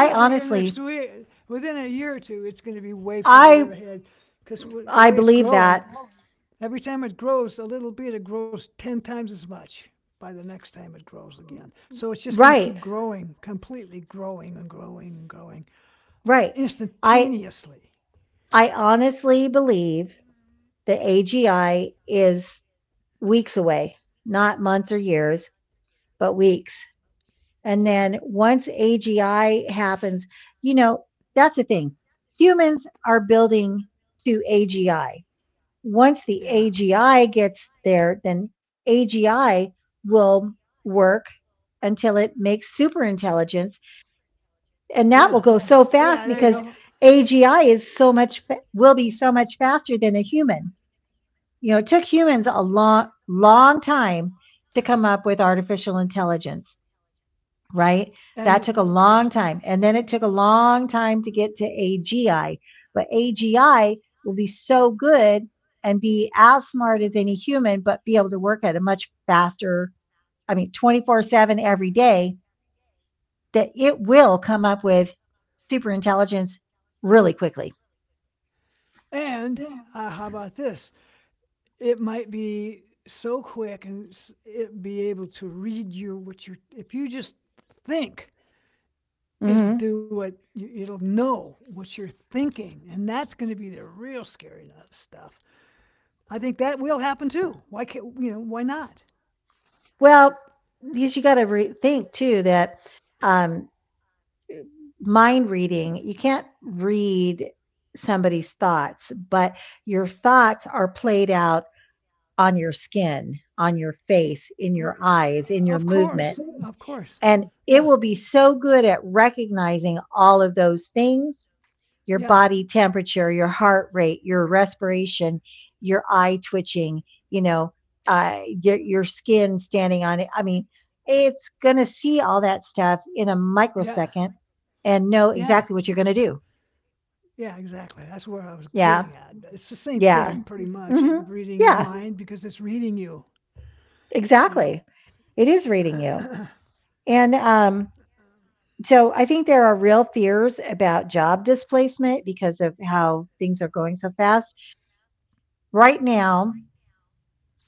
S2: They're going to be here
S1: honestly
S2: next week. Within a year or two, it's going to be way
S1: I
S2: farther ahead because
S1: I
S2: the way it's
S1: believe that.
S2: growing, every time it grows a little bit, it grows 10 times as much by the next time it grows again. So it's just going to
S1: Right.
S2: keep growing, completely growing and growing and growing
S1: Right. I
S2: instantaneously.
S1: I honestly believe that AGI is weeks away, not months or years, but weeks. And
S2: Yeah,
S1: then once AGI happens, you know, that's the thing. Humans are building to AGI. Once the
S2: yeah,
S1: AGI gets there, then AGI will work until it makes superintelligence,
S2: yeah.
S1: and that will go
S2: Yeah,
S1: so
S2: there you
S1: fast
S2: go.
S1: because AGI is so much will be so much faster than a human. You know, it took humans a long long time to come up with artificial intelligence, right? That
S2: And
S1: took a
S2: yeah.
S1: long time. And then it took a long time to get to AGI. But AGI will be so good and be as smart as any human, but be able to work at a much faster, I mean, 24/7 every day, that it will come up with super intelligence really quickly.
S2: And how about this? It might be so quick and it be able to read you what you're if you just think it'll
S1: Mm-hmm.
S2: do what it'll know what you're thinking, and that's going to be the real scary, no, stuff. I think that will happen too. Why can't, you know, why not?
S1: Well, because you got to think too that um, mind reading, you can't read somebody's thoughts, but your thoughts are played out on your skin, on your face, in your eyes,
S2: Of
S1: in your
S2: course,
S1: movement.
S2: of course.
S1: And
S2: Yeah.
S1: it will be so good at recognizing all of those things, your
S2: Yeah.
S1: body temperature, your heart rate, your respiration, your eye twitching, you know, your skin standing on it. I mean, it's going to see all that stuff in a
S2: Yeah.
S1: microsecond and know exactly
S2: Yeah.
S1: what you're going to do.
S2: Yeah, exactly, that's where I was
S1: Yeah.
S2: getting at. It's the same
S1: Yeah.
S2: thing, pretty
S1: Hmm.
S2: much, of reading
S1: Yeah.
S2: your mind because it's reading you, you
S1: Exactly. It is reading
S2: know.
S1: you. And So I think there are real fears about job displacement because of how things are going so fast right now.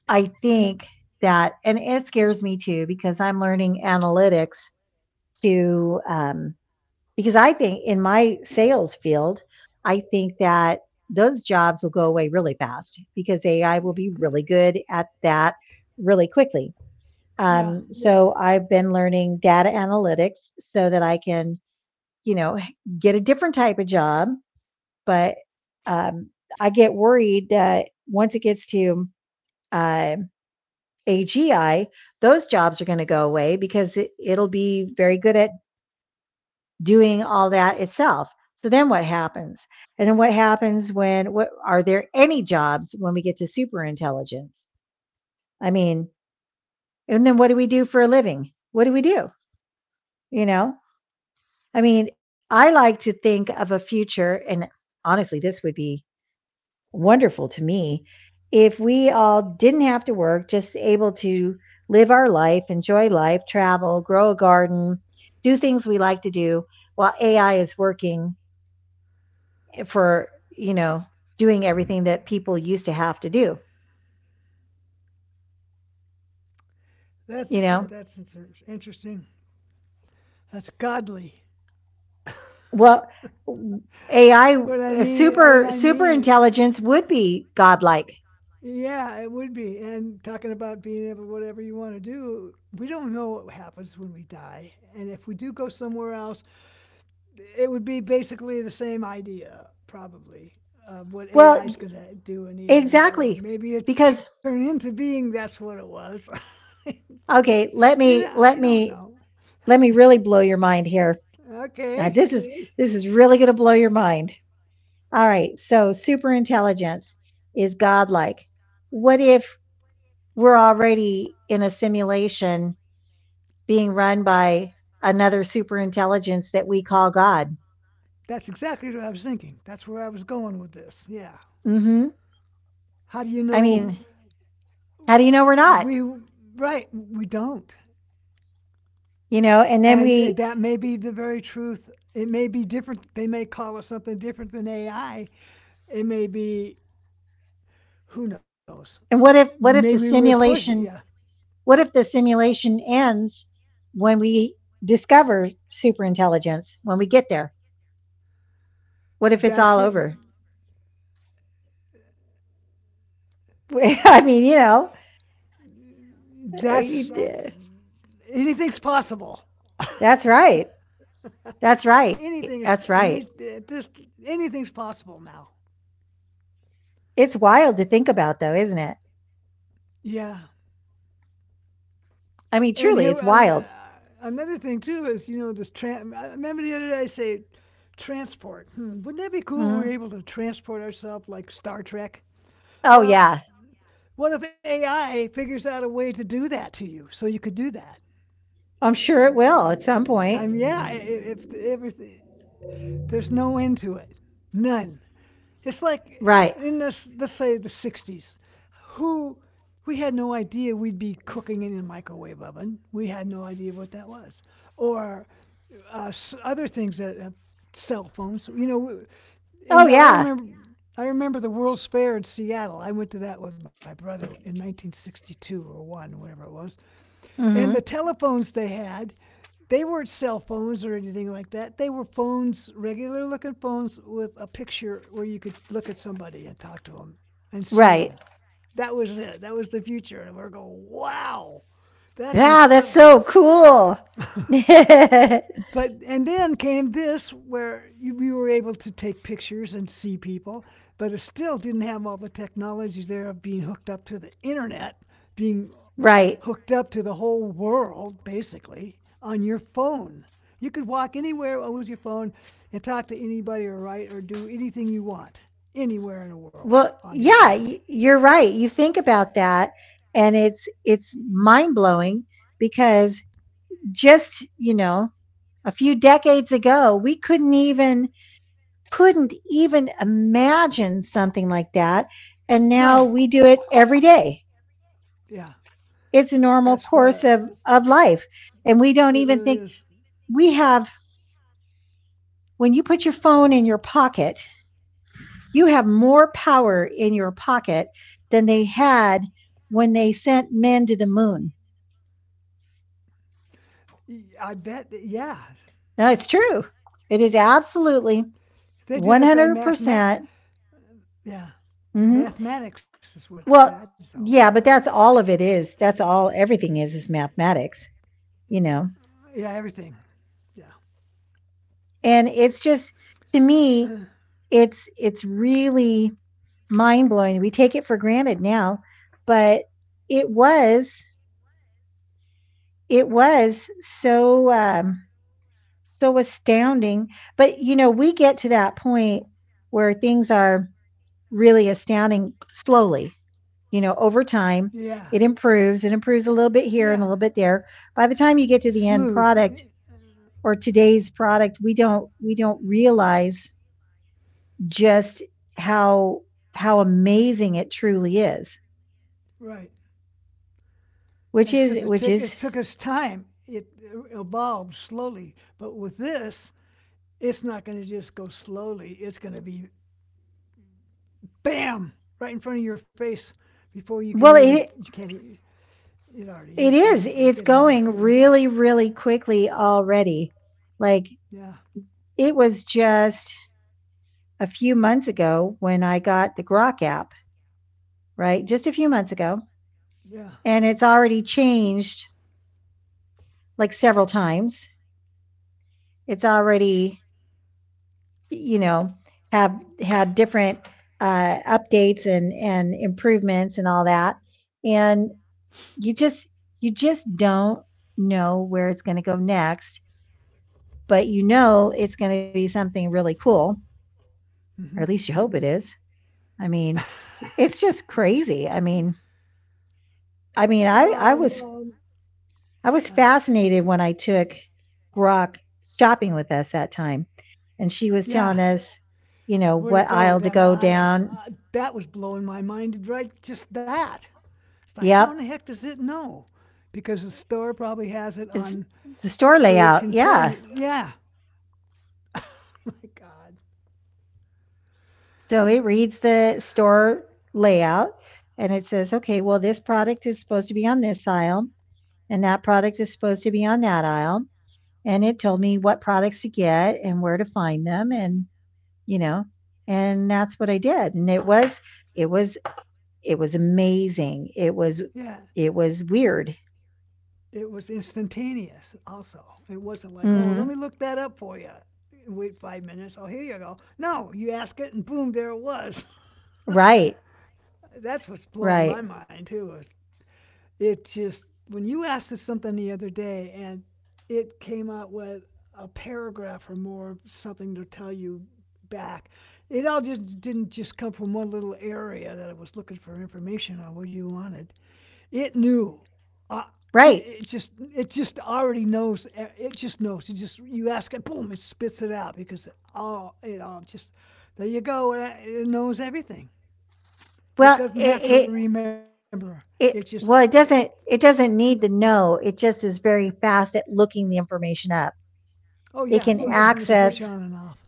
S1: I think that, and it scares me too, because I'm learning analytics to, because I think in my sales field, I think that those jobs will go away really fast because AI will be really good at that really quickly.
S2: yeah.
S1: Yes. So I've been learning data analytics so that I can, you know, get a different type of job, but, um, I get worried that once it gets to, um AGI, those jobs are going to go away because it'll be very good at doing all that itself. So then what happens? And then what happens when what are there any jobs when we get to super intelligence? I mean, and then what do we do for a living? What do we do? You know? I mean, I like to think of a future, and honestly this would be wonderful to me if we all didn't have to work, just able to live our life, enjoy life, travel, grow a garden, do things we like to do while AI is working for, you know, doing everything that people used to have to do,
S2: That's
S1: you know?
S2: that's interesting. That's godly.
S1: Well, AI,
S2: What
S1: super,
S2: I
S1: super
S2: mean,
S1: intelligence would be godlike.
S2: yeah, it would be. And talking about being able, to whatever you want to do, we don't know what happens when we die, and if we do go somewhere else, it would be basically the same idea, probably, of what AI
S1: Well,
S2: is going to do in the end, or
S1: exactly.
S2: maybe it turn
S1: Because,
S2: into being. That's what it was. from,
S1: okay,
S2: you
S1: let
S2: know,
S1: me,
S2: you
S1: let
S2: don't know.
S1: me, let me really blow your mind here. Now
S2: Okay.
S1: this is this is really going to blow your mind. All right, so super intelligence is godlike. What if we're already in a simulation being run by another super intelligence that we call God?
S2: That's exactly what I was thinking. That's where I was going with this. Yeah.
S1: Mhm.
S2: How do you
S1: I
S2: know?
S1: mean, mhm, how do you know we're not?
S2: We, right, we don't.
S1: You know, and then
S2: And
S1: we
S2: that may be the very truth. It may be different. They may call it something different than AI. It may be, who knows?
S1: And what
S2: Maybe
S1: if the
S2: we're put, yeah.
S1: simulation, what if the simulation ends when we discover super intelligence when we get there? What if it's all
S2: That's it.
S1: over? I mean, you know,
S2: That's
S1: We need to-
S2: anything's possible.
S1: That's right. That's right.
S2: Anything is,
S1: That's right.
S2: this, anything's possible now.
S1: It's wild to think about, though, isn't it?
S2: Yeah.
S1: I mean,
S2: And
S1: truly,
S2: here,
S1: it's
S2: uh,
S1: wild.
S2: another thing too is, you know, this. I remember the other day I say, transport. Hmm, wouldn't that be cool? If we were
S1: Hmm.
S2: able to transport ourselves like Star Trek.
S1: Oh,
S2: Well,
S1: yeah.
S2: what if AI figures out a way to do that to you, so you could do that?
S1: I'm sure it will at some
S2: I
S1: point.
S2: mean, yeah, if everything, there's no end to it, none. It's like
S1: Right.
S2: in this, let's say the 60s, who we had no idea we'd be cooking in a microwave oven. We had no idea what that was. Or uh, other things that have cell phones. You know,
S1: Oh,
S2: and I
S1: yeah.
S2: remember. I remember the World's Fair in Seattle. I went to that with my brother in 1962 or one, whatever it was. And the
S1: Hmm.
S2: telephones they had, they weren't cell phones or anything like that. They were phones, regular looking phones with a picture where you could look at somebody and talk to them and see
S1: Right.
S2: them. That was it. That was the future. And we're going, wow, that's
S1: Yeah, that's
S2: incredible.
S1: so cool.
S2: But and then came this where you were able to take pictures and see people, but it still didn't have all the technologies there of being hooked up to the internet, being
S1: Right.
S2: hooked up to the whole world basically on your phone. You could walk anywhere with your phone and talk to anybody or write or do anything you want anywhere in the world
S1: Well,
S2: on your
S1: yeah,
S2: phone.
S1: you're right. You think about that, and it's mind blowing, because just you know a few decades ago we couldn't even imagine something like that. And
S2: No,
S1: now we do it every day.
S2: yeah,
S1: It's a normal
S2: that's
S1: course
S2: what that's,
S1: of life. And we don't
S2: it
S1: even
S2: really
S1: think
S2: is.
S1: we have, when you put your phone in your pocket, you have more power in your pocket than they had when they sent men to the moon.
S2: I bet, yeah,
S1: No, it's true. It is absolutely
S2: they did it by math.
S1: 100%.
S2: math
S1: Percent
S2: Yeah,
S1: Hmm.
S2: mathematics is what
S1: Well,
S2: that's all about.
S1: yeah, but that's all of it is. That's all everything is mathematics, you
S2: Yeah,
S1: know.
S2: everything. Yeah.
S1: And it's just, to me, it's really mind-blowing. We take it for granted now, but it was, it was so um so astounding. But you know, we get to that point where things are really astounding slowly, you know, over time.
S2: Yeah.
S1: It improves a little bit here
S2: Yeah.
S1: and a little bit there. By the time you get
S2: It's
S1: to the end
S2: smooth.
S1: product,
S2: Eh,
S1: or today's product, we don't realize just how how amazing it truly is.
S2: right. It's because
S1: Which
S2: it
S1: is,
S2: took us time. It evolved slowly. But with this, it's not going to just go slowly. It's going to be bam right in front of your face before you can
S1: well
S2: even, you can't, it already is
S1: it is,
S2: basically
S1: it's
S2: getting there.
S1: going really really quickly already. Like,
S2: Yeah.
S1: it was just a few months ago when I got the Grok app, right? Just a few months ago.
S2: Yeah.
S1: And it's already changed like several times. It's already, you know, have had different updates and improvements and all that. And you just you just don't know where it's going to go next, but you know it's going to be something really cool, or at
S2: Hmm.
S1: least you hope it is. I mean, it's just crazy. I mean, I mean,
S2: Well,
S1: I was
S2: yeah.
S1: fascinated when I took Grok shopping with us that time, and she was telling
S2: Yeah.
S1: us, you know,
S2: Where to
S1: what
S2: go
S1: aisle to
S2: down the
S1: go
S2: aisles.
S1: down.
S2: That was blowing my mind, right? Just that. It's like, how
S1: Yep,
S2: in the heck does it know? Because the store probably has it
S1: is
S2: on,
S1: the store
S2: so it
S1: layout.
S2: can tell
S1: Yeah,
S2: you. Yeah. my God.
S1: so it reads the store layout, and it says, okay, well, this product is supposed to be on this aisle and that product is supposed to be on that aisle. And it told me what products to get and where to find them. And, you know, and that's what I did. And it was, it was, it was amazing.
S2: Yeah.
S1: It was weird.
S2: It was instantaneous, also. It wasn't like, oh, let
S1: Hmm.
S2: me look that up for you. Wait 5 minutes. Oh, here you go. No, you ask it, and boom, there it was.
S1: Right.
S2: that's what's blowing
S1: Right.
S2: my mind, too. It's it just when you asked us something the other day and it came out with a paragraph or more something to tell you back, it all just didn't just come from one little area that I was looking for information on what you wanted. It knew, uh, it,
S1: Right.
S2: it just already knows, it just knows. It just, you ask it, boom, it spits it out because it all, it all just, there you go, it knows everything.
S1: Well,
S2: It doesn't have to remember. It just that.
S1: well, it doesn't need to know. It just is very fast at looking the information up.
S2: Oh,
S1: It
S2: yeah.
S1: can
S2: It's
S1: Oh,
S2: like turn the switch
S1: access
S2: on and off.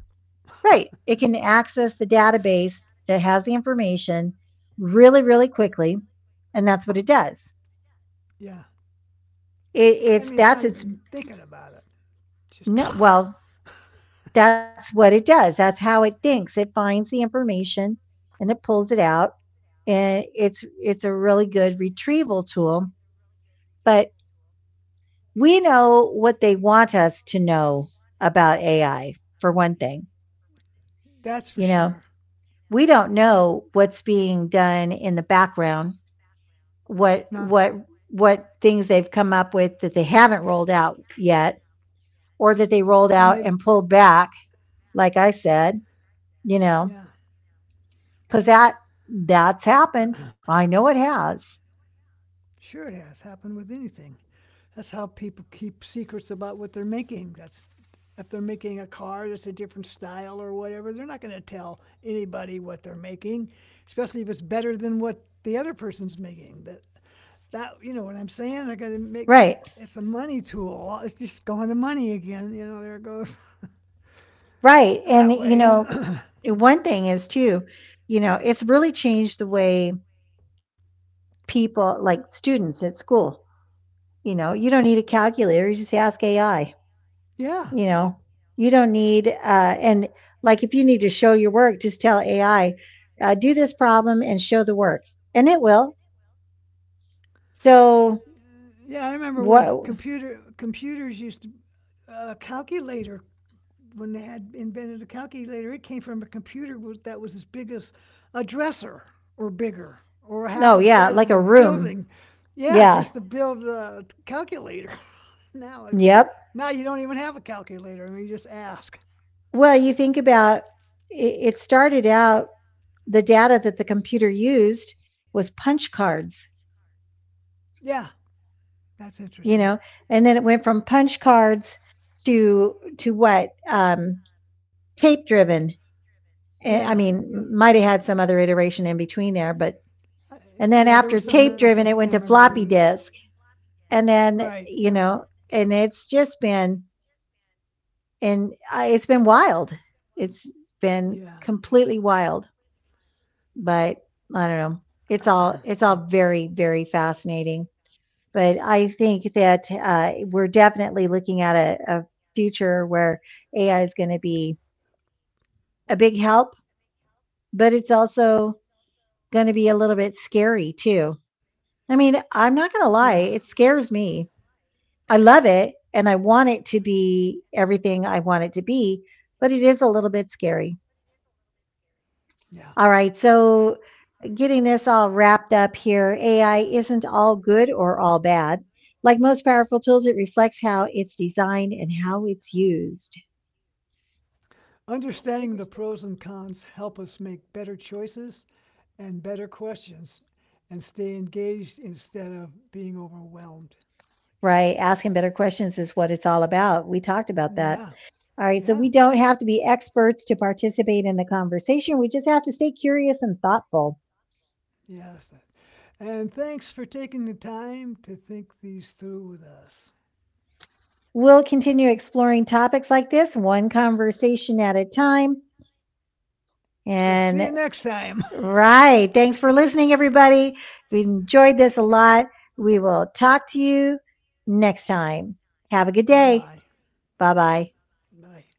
S1: right, it can access the database that has the information really really quickly, and that's what it does.
S2: Yeah.
S1: It,
S2: I
S1: it's
S2: mean, it's
S1: that's
S2: not
S1: its
S2: even thinking about it. Just
S1: No, well, that's what it does. That's how it thinks. It finds the information and it pulls it out, and it's a really good retrieval tool. But we know what they want us to know about AI, for one thing.
S2: that's for
S1: You know,
S2: sure.
S1: we don't know what's being done in the background, what
S2: No.
S1: what what things they've come up with that they haven't rolled out yet, or that they rolled
S2: And
S1: out
S2: they,
S1: and pulled back. Like I said, you know,
S2: yeah,
S1: because that's happened. I know it has.
S2: sure it has happened with anything. That's how people keep secrets about what they're making. That's if they're making a car that's a different style or whatever, they're not going to tell anybody what they're making, especially if it's better than what the other person's making. That you know what I'm saying? They're going to make
S1: Right.
S2: it's a money tool. It's just going to money again. You know, there it goes.
S1: Right. And
S2: that
S1: you
S2: way.
S1: know, one thing is too, you know, it's really changed the way people, like students at school. You know, you don't need a calculator, you just ask AI.
S2: yeah,
S1: You know, you don't need and like if you need to show your work, just tell AI, do this problem and show the work, and it will. So
S2: yeah. I remember when
S1: what.
S2: computers used to, a calculator, when they had invented a calculator. It came from a computer that was as big as a dresser or bigger or half
S1: No,
S2: of
S1: yeah,
S2: size
S1: like
S2: of a
S1: a room.
S2: building. Yeah,
S1: Yeah.
S2: just to build a calculator. now it's,
S1: Yep.
S2: now you don't even have a calculator. I mean, you just ask.
S1: Well, you think about it, it started out the data that the computer used was punch cards,
S2: Yeah, that's
S1: you
S2: interesting.
S1: know. And then it went from punch cards to what, tape driven. Eh, I
S2: Yeah,
S1: mean, might have had some other iteration in between there, but. And
S2: yeah.
S1: then
S2: There was
S1: after
S2: something else, but
S1: tape
S2: I can't
S1: driven, it
S2: remember
S1: went
S2: what.
S1: to floppy disk. And
S2: Right.
S1: then, you know, and it's just been, and I, it's been wild. It's
S2: Yeah.
S1: been completely wild. But I don't know. It's all very, very fascinating. But I think that we're definitely looking at a future where AI is going to be a big help, but it's also going to be a little bit scary too. I mean, I'm
S2: Yeah.
S1: not going to lie, it scares me. I love it and I want it to be everything I want it to be, but it is a little bit scary.
S2: Yeah.
S1: All right, so getting this all wrapped up here, AI isn't all good or all bad. Like most powerful tools, it reflects how it's designed and how it's used,
S2: Understanding the pros and cons help us make better choices and better questions and stay engaged instead of being overwhelmed.
S1: right? Asking better questions is what it's all about. We talked about that.
S2: Yeah,
S1: All right, so we
S2: yeah,
S1: don't have to be experts to participate in the conversation. We just have to stay curious and thoughtful.
S2: yes. And thanks for taking the time to think these through with us.
S1: We'll continue exploring topics like this, one conversation at a time.
S2: So see
S1: And
S2: you next time.
S1: right. Thanks for listening, everybody. We enjoyed this a lot. We will talk to you next time. Have a good day.
S2: Bye-bye.
S1: Bye bye.
S2: Bye.